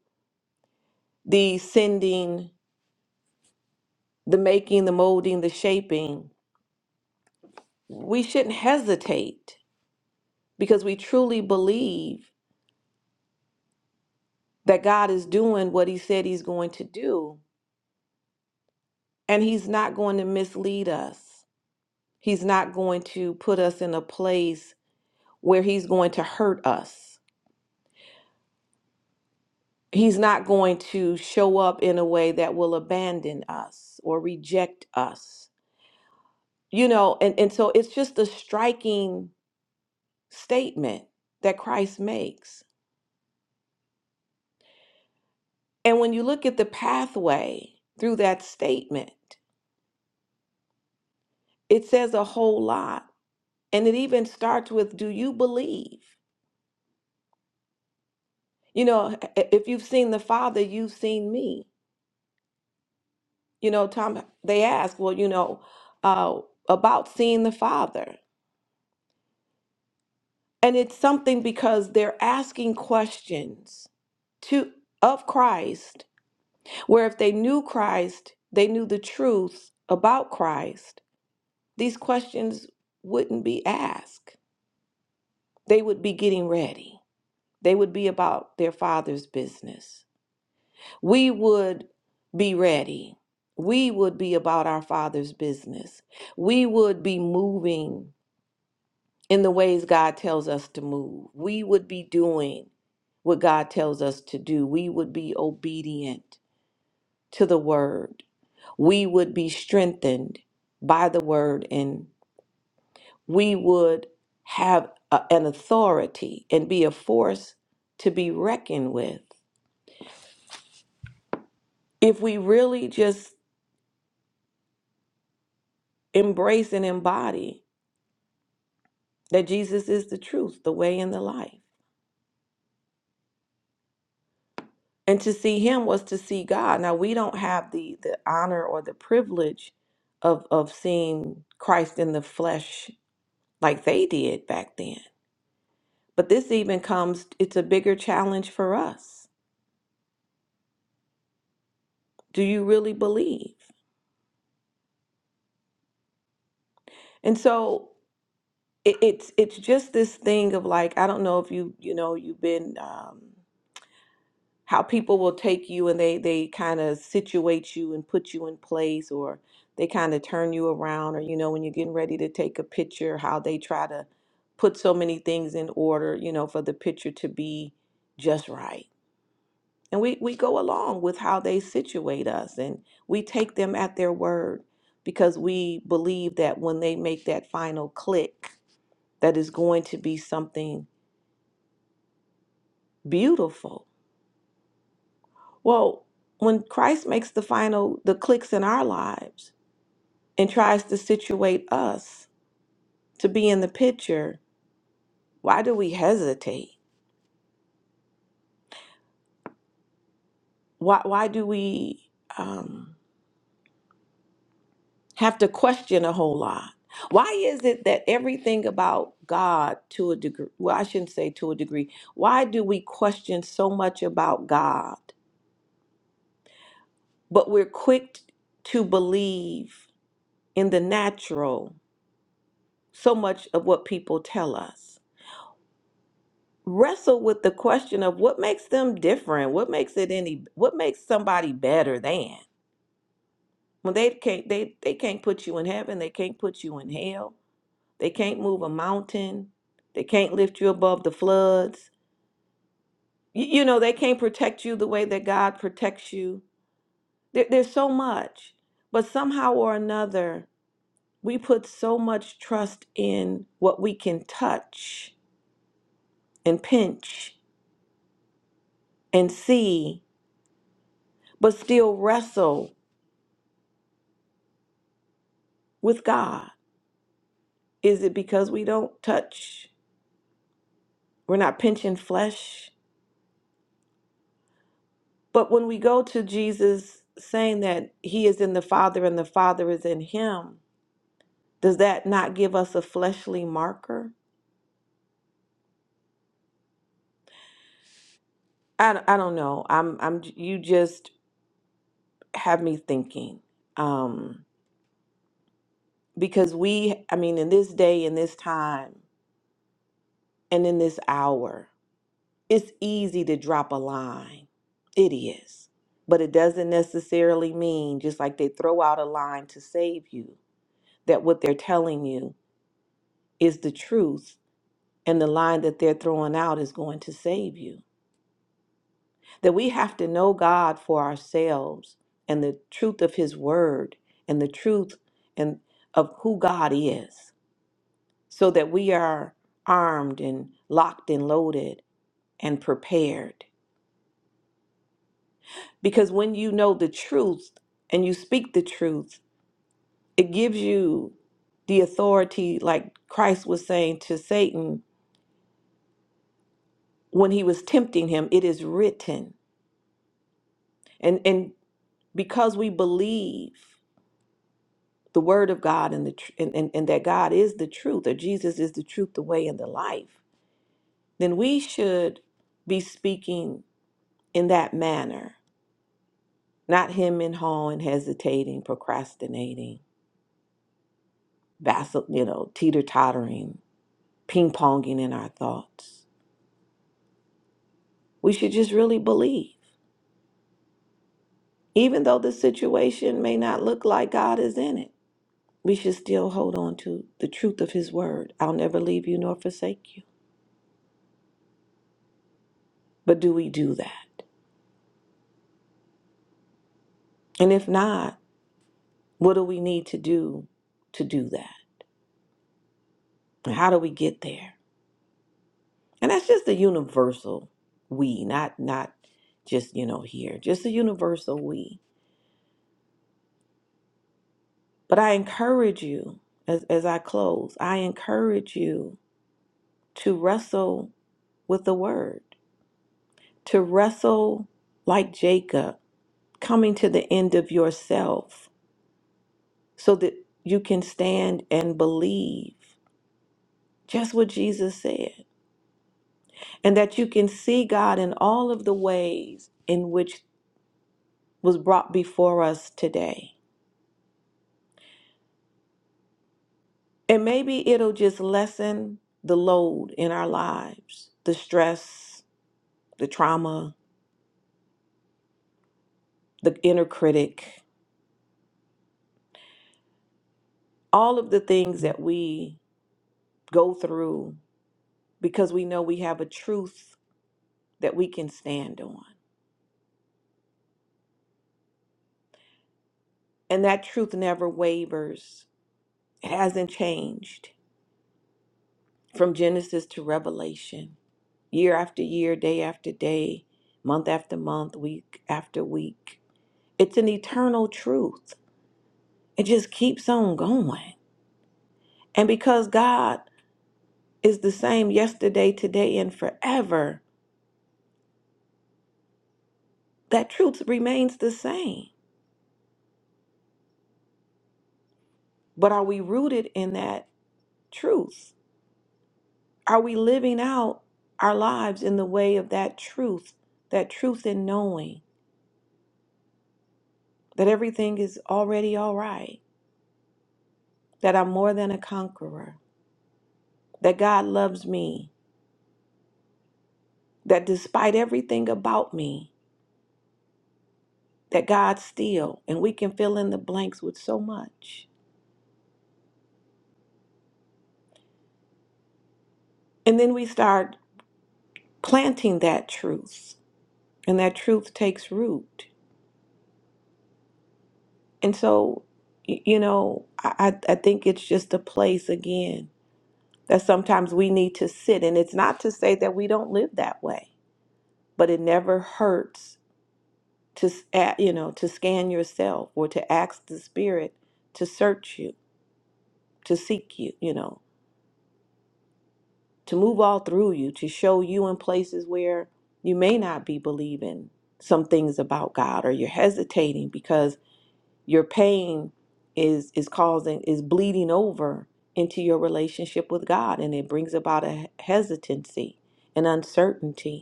B: the sending, the making, the molding, the shaping, we shouldn't hesitate because we truly believe that God is doing what He said He's going to do and He's not going to mislead us. He's not going to put us in a place where he's going to hurt us. He's not going to show up in a way that will abandon us or reject us. You know, and, and so it's just a striking statement that Christ makes. And when you look at the pathway through that statement, it says a whole lot. And it even starts with, Do you believe? You know, if you've seen the Father, you've seen me. you know tom they ask well you know uh, about seeing the father and it's something because they're asking questions to of christ where if they knew christ they knew the truth about christ these questions wouldn't be asked they would be getting ready they would be about their father's business we would be ready we would be about our father's business we would be moving in the ways God tells us to move. We would be doing what God tells us to do. We would be obedient to the word. We would be strengthened by the word and we would have a- an authority and be a force to be reckoned with. If we really just embrace and embody that Jesus is the truth, the way, and the life. and to see him was to see God. Now we don't have the the honor or the privilege of of seeing Christ in the flesh like they did back then. But this even comes it's a bigger challenge for us. Do you really believe? And so it, it's it's just this thing of like I don't know if you you know you've been um how people will take you and they they kind of situate you and put you in place or they kind of turn you around or you know when you're getting ready to take a picture how they try to put so many things in order you know for the picture to be just right and we we go along with how they situate us and we take them at their word because we believe that when they make that final click that is going to be something beautiful Well, when Christ makes the final, the clicks in our lives and tries to situate us to be in the picture, why do we hesitate? Why, why do we um, have to question a whole lot? Why is it that everything about God to a degree, well, I shouldn't say to a degree, why do we question so much about God, but we're quick to believe in the natural so much of what people tell us? wrestle with the question of what makes them different what makes it any what makes somebody better than when they can't they they can't put you in heaven they can't put you in hell they can't move a mountain they can't lift you above the floods you, you know they can't protect you the way that god protects you there, there's so much but somehow or another we put so much trust in what we can touch and pinch and see but still wrestle with god Is it because we don't touch? We're not pinching flesh? But when we go to Jesus saying that he is in the Father and the Father is in him, does that not give us a fleshly marker? I, I don't know. I'm I'm you just have me thinking. Um because we I mean in this day in this time and in this hour, it's easy to drop a line. It is. But it doesn't necessarily mean just like they throw out a line to save you that what they're telling you is the truth and the line that they're throwing out is going to save you. That we have to know God for ourselves and the truth of his word and the truth and of who God is so that we are armed and locked and loaded and prepared. Because when you know the truth and you speak the truth, it gives you the authority like Christ was saying to Satan when he was tempting him, it is written. And and because we believe the word of God and the tr- and, and, and that God is the truth, or Jesus is the truth, the way, and the life, then we should be speaking in that manner, not him and hawing, hesitating, procrastinating, vassal, you know, teeter tottering, ping ponging in our thoughts. We should just really believe, even though the situation may not look like God is in it. we should still hold on to the truth of his word. I'll never leave you nor forsake you. But do we do that? And if not, what do we need to do to do that? And how do we get there? And that's just the universal we, not not just, you know, here, just the universal we. But I encourage you as, as I close, I encourage you to wrestle with the word, to wrestle like Jacob, coming to the end of yourself so that you can stand and believe just what Jesus said, and that you can see God in all of the ways in which was brought before us today. And maybe it'll just lessen the load in our lives, the stress, the trauma, the inner critic, all of the things that we go through because we know we have a truth that we can stand on. And that truth never wavers, it hasn't changed. from Genesis to Revelation, year after year, day after day, month after month, week after week. It's an eternal truth. It just keeps on going. And because God is the same yesterday, today, and forever, that truth remains the same. But are we rooted in that truth? Are we living out our lives in the way of that truth, that truth in knowing that everything is already all right? that I'm more than a conqueror, that God loves me, that despite everything about me, that God still, and we can fill in the blanks with so much. And then we start planting that truth, and that truth takes root. And so, y- you know, I, I I think it's just a place again that sometimes we need to sit. And it's not to say that we don't live that way, but it never hurts to s- a- you know to scan yourself or to ask the spirit to search you to seek you you know to move all through you to show you in places where you may not be believing some things about god or you're hesitating because your pain is is causing is bleeding over into your relationship with god and it brings about a hesitancy and uncertainty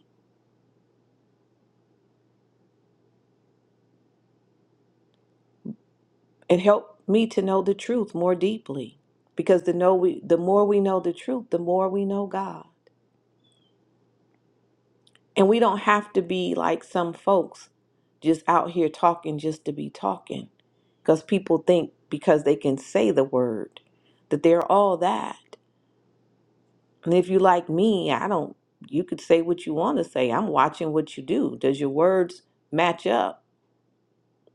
B: It helped me to know the truth more deeply because the know we the more we know the truth, the more we know God. And we don't have to be like some folks just out here talking just to be talking because people think because they can say the word that they're all that. And if you like me, I don't you could say what you want to say. I'm watching what you do. Does your words match up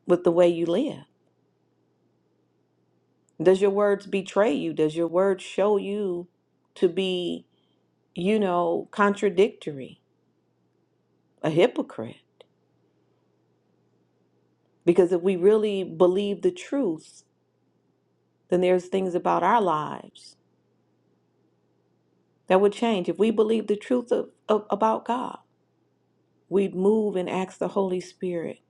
B: with the way you live? Does your words betray you? Does your words show you to be you know, contradictory, a hypocrite. Because if we really believe the truth, then there's things about our lives that would change. If we believe the truth of, of, about God, we'd move and ask the Holy Spirit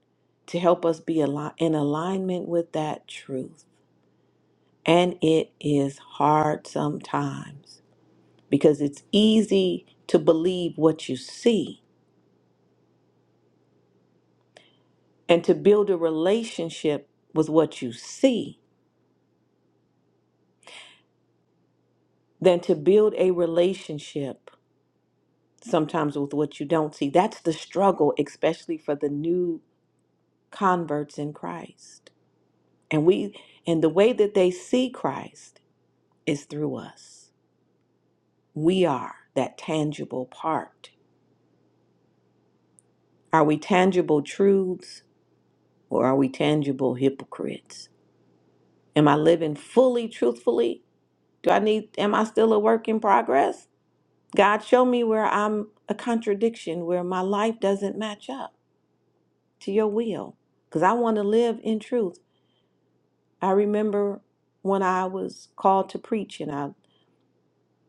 B: to help us be ali- in alignment with that truth. And it is hard sometimes because it's easy to believe what you see and to build a relationship with what you see than to build a relationship sometimes with what you don't see. That's the struggle, especially for the new converts in Christ. And we and the way that they see Christ is through us. We are that tangible part. Are we tangible truths or are we tangible hypocrites? Am I living fully truthfully? Do I need am I still a work in progress? God show me where I'm a contradiction, where my life doesn't match up. to your will because I want to live in truth. I remember when I was called to preach and I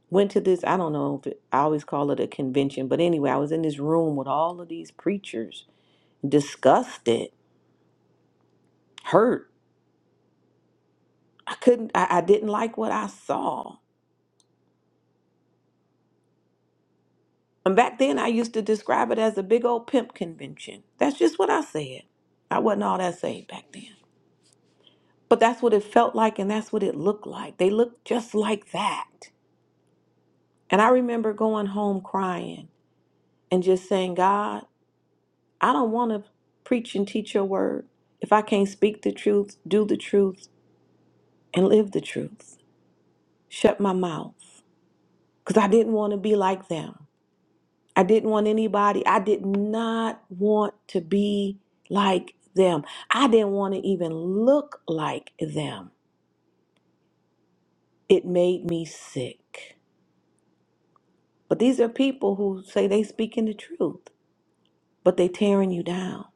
B: went to this, I don't know if it, I always call it a convention, but anyway, I was in this room with all of these preachers, disgusted, hurt. I couldn't, I, I didn't like what I saw. And back then I used to describe it as a big old pimp convention. That's just what I said. I wasn't all that saved back then. But that's what it felt like and that's what it looked like. They looked just like that. And I remember going home crying and just saying, God, I don't want to preach and teach your word if I can't speak the truth, do the truth, and live the truth. Shut my mouth. Because I didn't want to be like them. I didn't want anybody, I did not want to be like them. I didn't want to even look like them. It made me sick. But these are people who say they speaking the truth, but they tearing you down.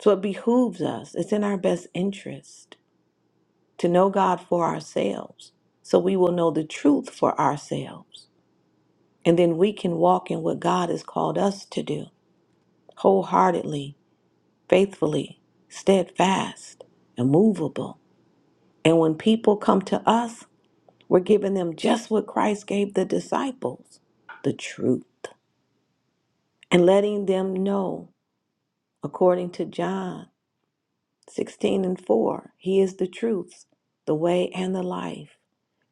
B: So it behooves us, it's in our best interest to know God for ourselves so we will know the truth for ourselves. And then we can walk in what God has called us to do wholeheartedly, faithfully, steadfast, immovable. And when people come to us, we're giving them just what Christ gave the disciples the truth and letting them know, according to John. 16 and 4. He is the truth, the way, and the life.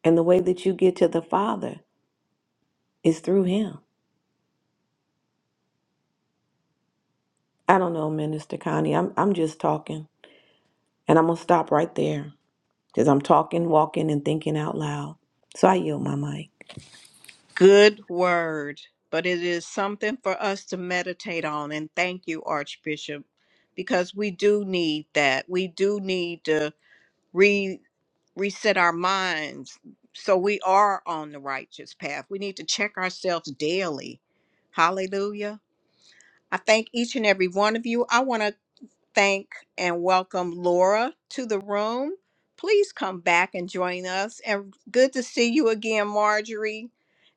B: And the way that you get to the Father is through Him. I don't know, Minister Connie. I'm, I'm just talking. And I'm going to stop right there because I'm talking, walking, and thinking out loud. So I yield my mic.
A: Good word, but it is something for us to meditate on. And thank you, Archbishop, because we do need that. We do need to. reset our minds so we are on the righteous path. We need to check ourselves daily. Hallelujah. I thank each and every one of you. I want to thank and welcome Laura to the room. Please come back and join us. And good to see you again, Marjorie,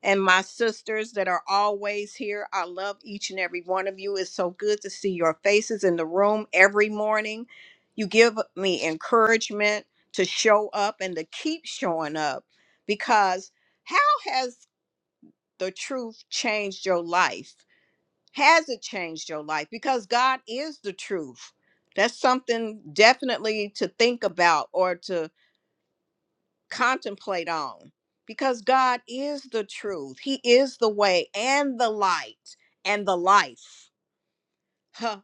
A: and my sisters that are always here. I love each and every one of you. It's so good to see your faces in the room every morning. You give me encouragement to show up and to keep showing up because how has the truth changed your life? Has it changed your life? Because God is the truth. That's something definitely to think about or to contemplate on. Because God is the truth. He is the way and the light and the life. Huh.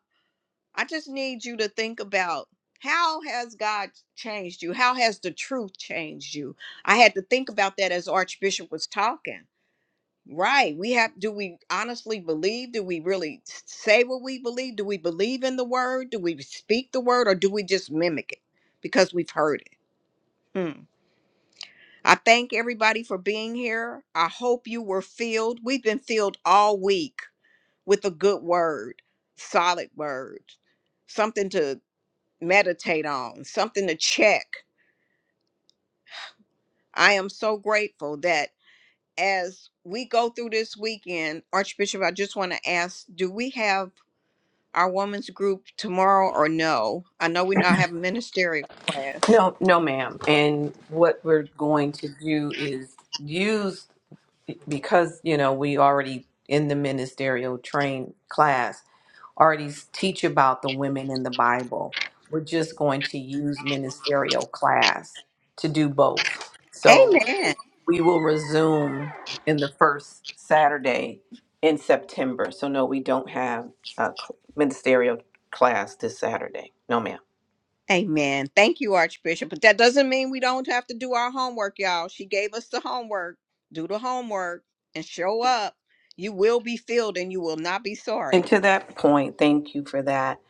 A: I just need you to think about how has God changed you? How has the truth changed you? I had to think about that as Archbishop was talking Right. We have, do we honestly believe? Do we really s- say what we believe? Do we believe in the word? Do we speak the word or do we just mimic it because we've heard it? Hmm. I thank everybody for being here. I hope you were filled. We've been filled all week with a good word, solid word, something to meditate on, something to check. I am so grateful that as we go through this weekend, Archbishop, I just want to ask do we have our women's group tomorrow or no? I know we now have a ministerial class.
B: No, no, ma'am. And what we're going to do is use because you know we already in the ministerial train class already teach about the women in the bible we're just going to use ministerial class to do both so
A: Amen.
B: we will resume in the first saturday in september so no we don't have a cl- ministerial class this saturday no ma'am
A: Amen. Thank you, Archbishop. But that doesn't mean we don't have to do our homework, y'all. She gave us the homework. Do the homework and show up. You will be filled and you will not be
B: and
A: sorry.
B: to that point thank you for that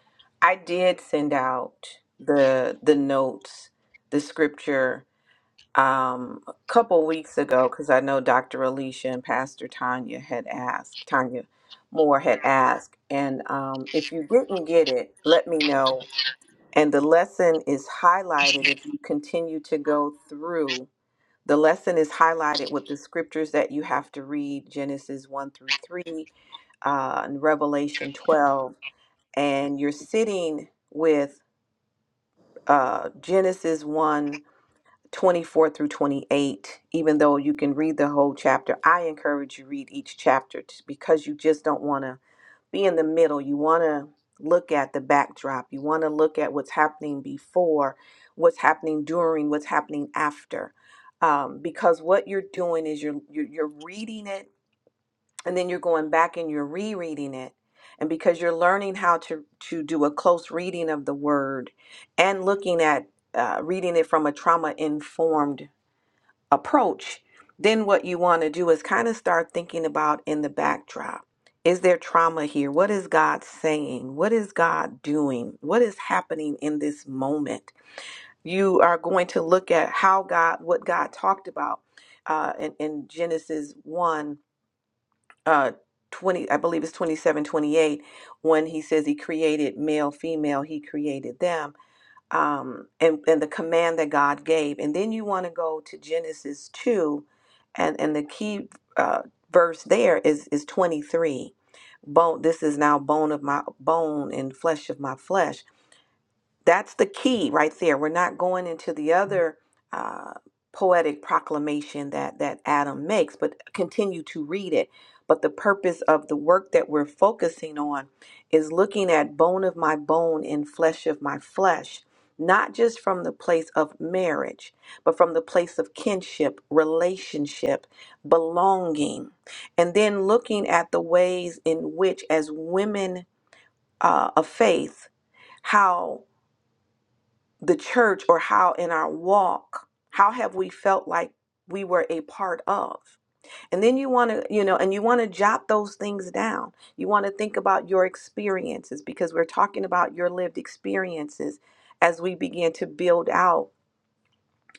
B: i did send out the the notes the scripture um, a couple weeks ago because I know Dr. Alicia and Pastor Tanya had asked, Tanya Moore had asked, and um, if you didn't get it, let me know. And the lesson is highlighted if you continue to go through. The lesson is highlighted with the scriptures that you have to read Genesis 1 through 3 uh, and Revelation 12. And you're sitting with uh, Genesis 1 24 through 28 even though you can read the whole chapter i encourage you read each chapter t- because you just don't want to be in the middle you want to look at the backdrop you want to look at what's happening before what's happening during what's happening after um, because what you're doing is you're, you're you're reading it and then you're going back and you're rereading it and because you're learning how to to do a close reading of the word and looking at uh, reading it from a trauma informed approach, then what you want to do is kind of start thinking about in the backdrop. Is there trauma here? What is God saying? What is God doing? What is happening in this moment? You are going to look at how God, what God talked about uh, in, in Genesis 1 uh, 20, I believe it's 27, 28, when he says he created male, female, he created them um, and, and the command that God gave. And then you want to go to Genesis 2, and, and the key uh, verse there is, is 23. Bone, this is now bone of my bone and flesh of my flesh that's the key right there. We're not going into the other uh, poetic proclamation that that Adam makes, but continue to read it. But the purpose of the work that we're focusing on is looking at bone of my bone and flesh of my flesh, not just from the place of marriage, but from the place of kinship, relationship, belonging, and then looking at the ways in which, as women uh, of faith, how the church or how in our walk how have we felt like we were a part of and then you want to you know and you want to jot those things down you want to think about your experiences because we're talking about your lived experiences as we begin to build out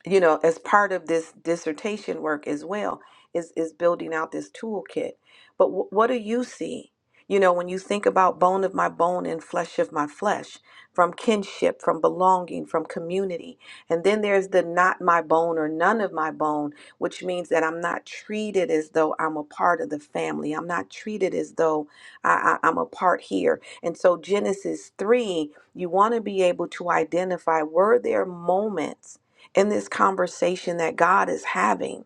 B: you know, as part of this dissertation work as well, is is building out this toolkit. But wh- what do you see? You know, when you think about bone of my bone and flesh of my flesh, from kinship, from belonging, from community. And then there's the not my bone or none of my bone, which means that I'm not treated as though I'm a part of the family. I'm not treated as though I, I, I'm a part here. And so, Genesis 3, you want to be able to identify were there moments in this conversation that God is having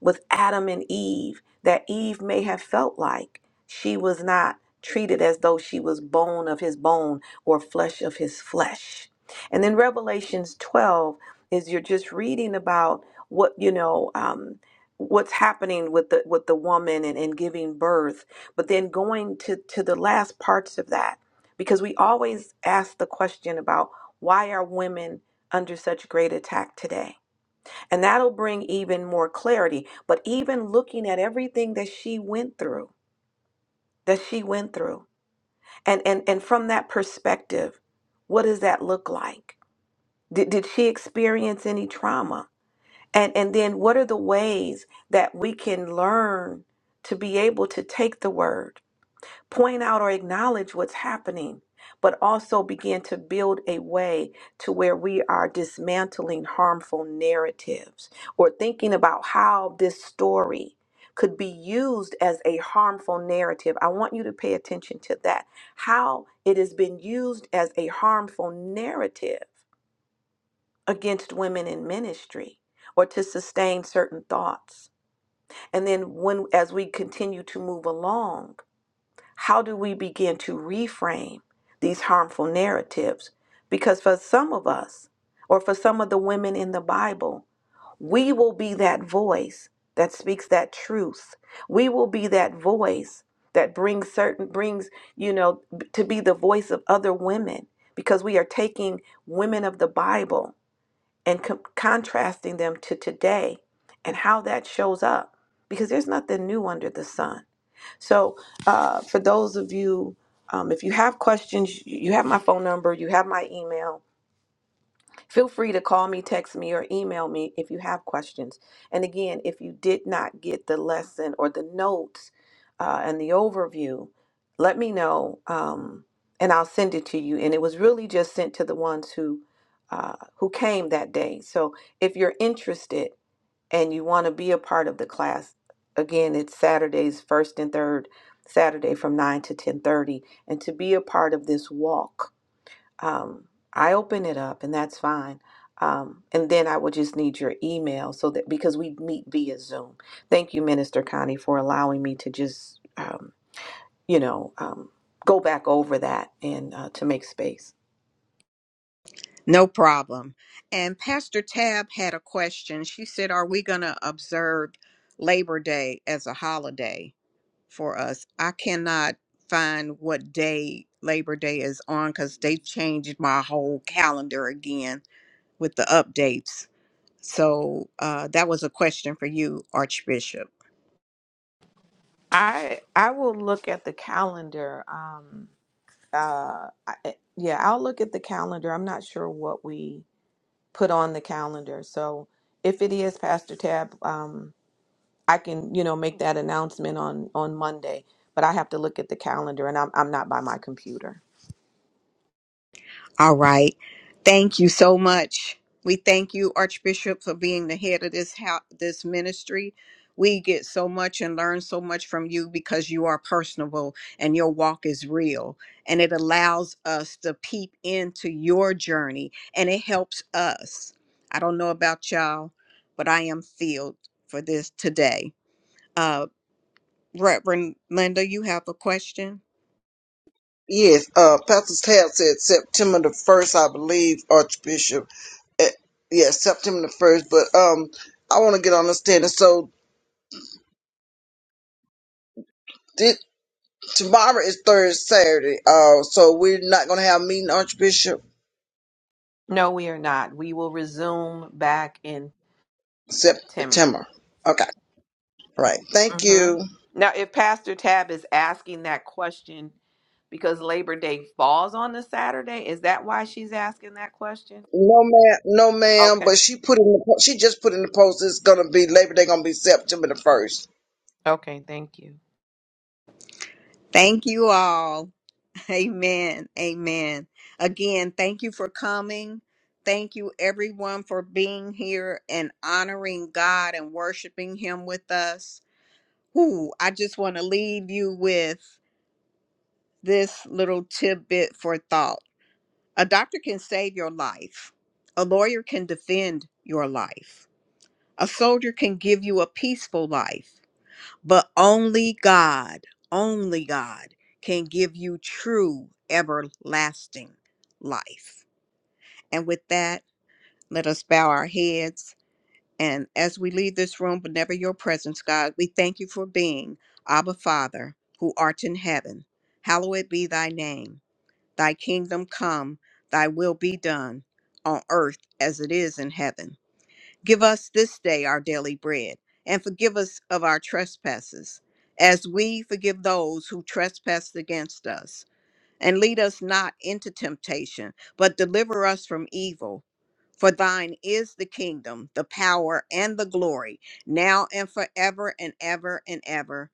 B: with Adam and Eve that Eve may have felt like she was not treated as though she was bone of his bone or flesh of his flesh. And then Revelations 12 is you're just reading about what, you know, um, what's happening with the with the woman and, and giving birth but then going to to the last parts of that because we always ask the question about why are women under such great attack today and that'll bring even more clarity. But even looking at everything that she went through, that she went through, and and and from that perspective, what does that look like? Did, did she experience any trauma? And and then what are the ways that we can learn to be able to take the word? point out or acknowledge what's happening, but also begin to build a way to where we are dismantling harmful narratives or thinking about how this story could be used as a harmful narrative. I want you to pay attention to that. How it has been used as a harmful narrative against women in ministry or to sustain certain thoughts. And then when as we continue to move along, how do we begin to reframe these harmful narratives? Because for some of us, or for some of the women in the Bible, we will be that voice that speaks that truth. We will be that voice that brings certain brings, you know, b- to be the voice of other women because we are taking women of the Bible and co- contrasting them to today and how that shows up because there's nothing new under the sun so, uh, for those of you, um, if you have questions, you have my phone number, you have my email. Feel free to call me, text me, or email me if you have questions. And again, if you did not get the lesson or the notes uh, and the overview, let me know um, and I'll send it to you. And it was really just sent to the ones who. Uh, who came that day. So if you're interested, and you want to be a part of the class again it's saturdays first and third saturday from 9 to 10.30 and to be a part of this walk um, i open it up and that's fine um, and then i would just need your email so that because we meet via zoom thank you minister connie for allowing me to just um, you know um, go back over that and uh, to make space
A: No problem. And Pastor Tab had a question. She said, Are we going to observe Labor Day as a holiday? for us. I cannot find what day Labor Day is on because they changed my whole calendar again with the updates. So uh, that was a question for you, Archbishop.
B: I I will look at the calendar. Um, uh I, eh, yeah i'll look at the calendar i'm not sure what we put on the calendar so if it is pastor tab um i can you know make that announcement on on monday but i have to look at the calendar and i'm, I'm not by my computer
A: All right. Thank you so much. We thank you, Archbishop, for being the head of this house, this ministry. We get so much and learn so much from you because you are personable and your walk is real. And it allows us to peep into your journey and it helps us. I don't know about y'all, but I am filled for this today. Uh, Reverend Linda, you have a question?
C: Yes, uh, Pastor Tab said September the 1st, I believe, Archbishop. Eh, Yes, September the 1st, but um, I want to get on the So this, tomorrow is third Saturday. Uh, so we're not going to have a meeting, Archbishop,
B: no we are not we will resume back in september
C: September. Okay, right. Thank
B: hmm
C: you.
B: now if pastor tab is asking that question because labor day falls on the saturday is that why she's asking that question
C: No ma'am, no ma'am.
B: okay
C: But she put in the po- she just put in the post. It's gonna be Labor Day. Gonna be September the first.
B: okay thank you
A: Thank you all. Amen. Amen. Again, thank you for coming. Thank you, everyone, for being here and honoring God and worshiping Him with us. Ooh, I just want to leave you with this little tidbit for thought. A doctor can save your life, a lawyer can defend your life, a soldier can give you a peaceful life. But only God, only God can give you true everlasting life. And with that, let us bow our heads. And as we leave this room, but never your presence, God, we thank you for being Abba Father, who art in heaven. Hallowed be thy name. Thy kingdom come, thy will be done on earth as it is in heaven. Give us this day our daily bread, and forgive us of our trespasses, as we forgive those who trespass against us. And lead us not into temptation, but deliver us from evil. For thine is the kingdom, the power, and the glory, now and forever and ever and ever.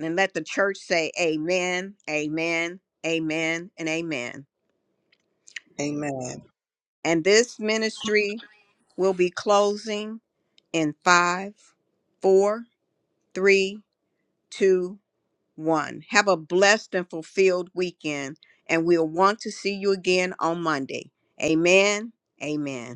A: And let the church say, Amen, Amen, Amen, and Amen.
C: Amen.
A: And this ministry will be closing in five, four, three, two, one. Have a blessed and fulfilled weekend, and we'll want to see you again on Monday. Amen. Amen.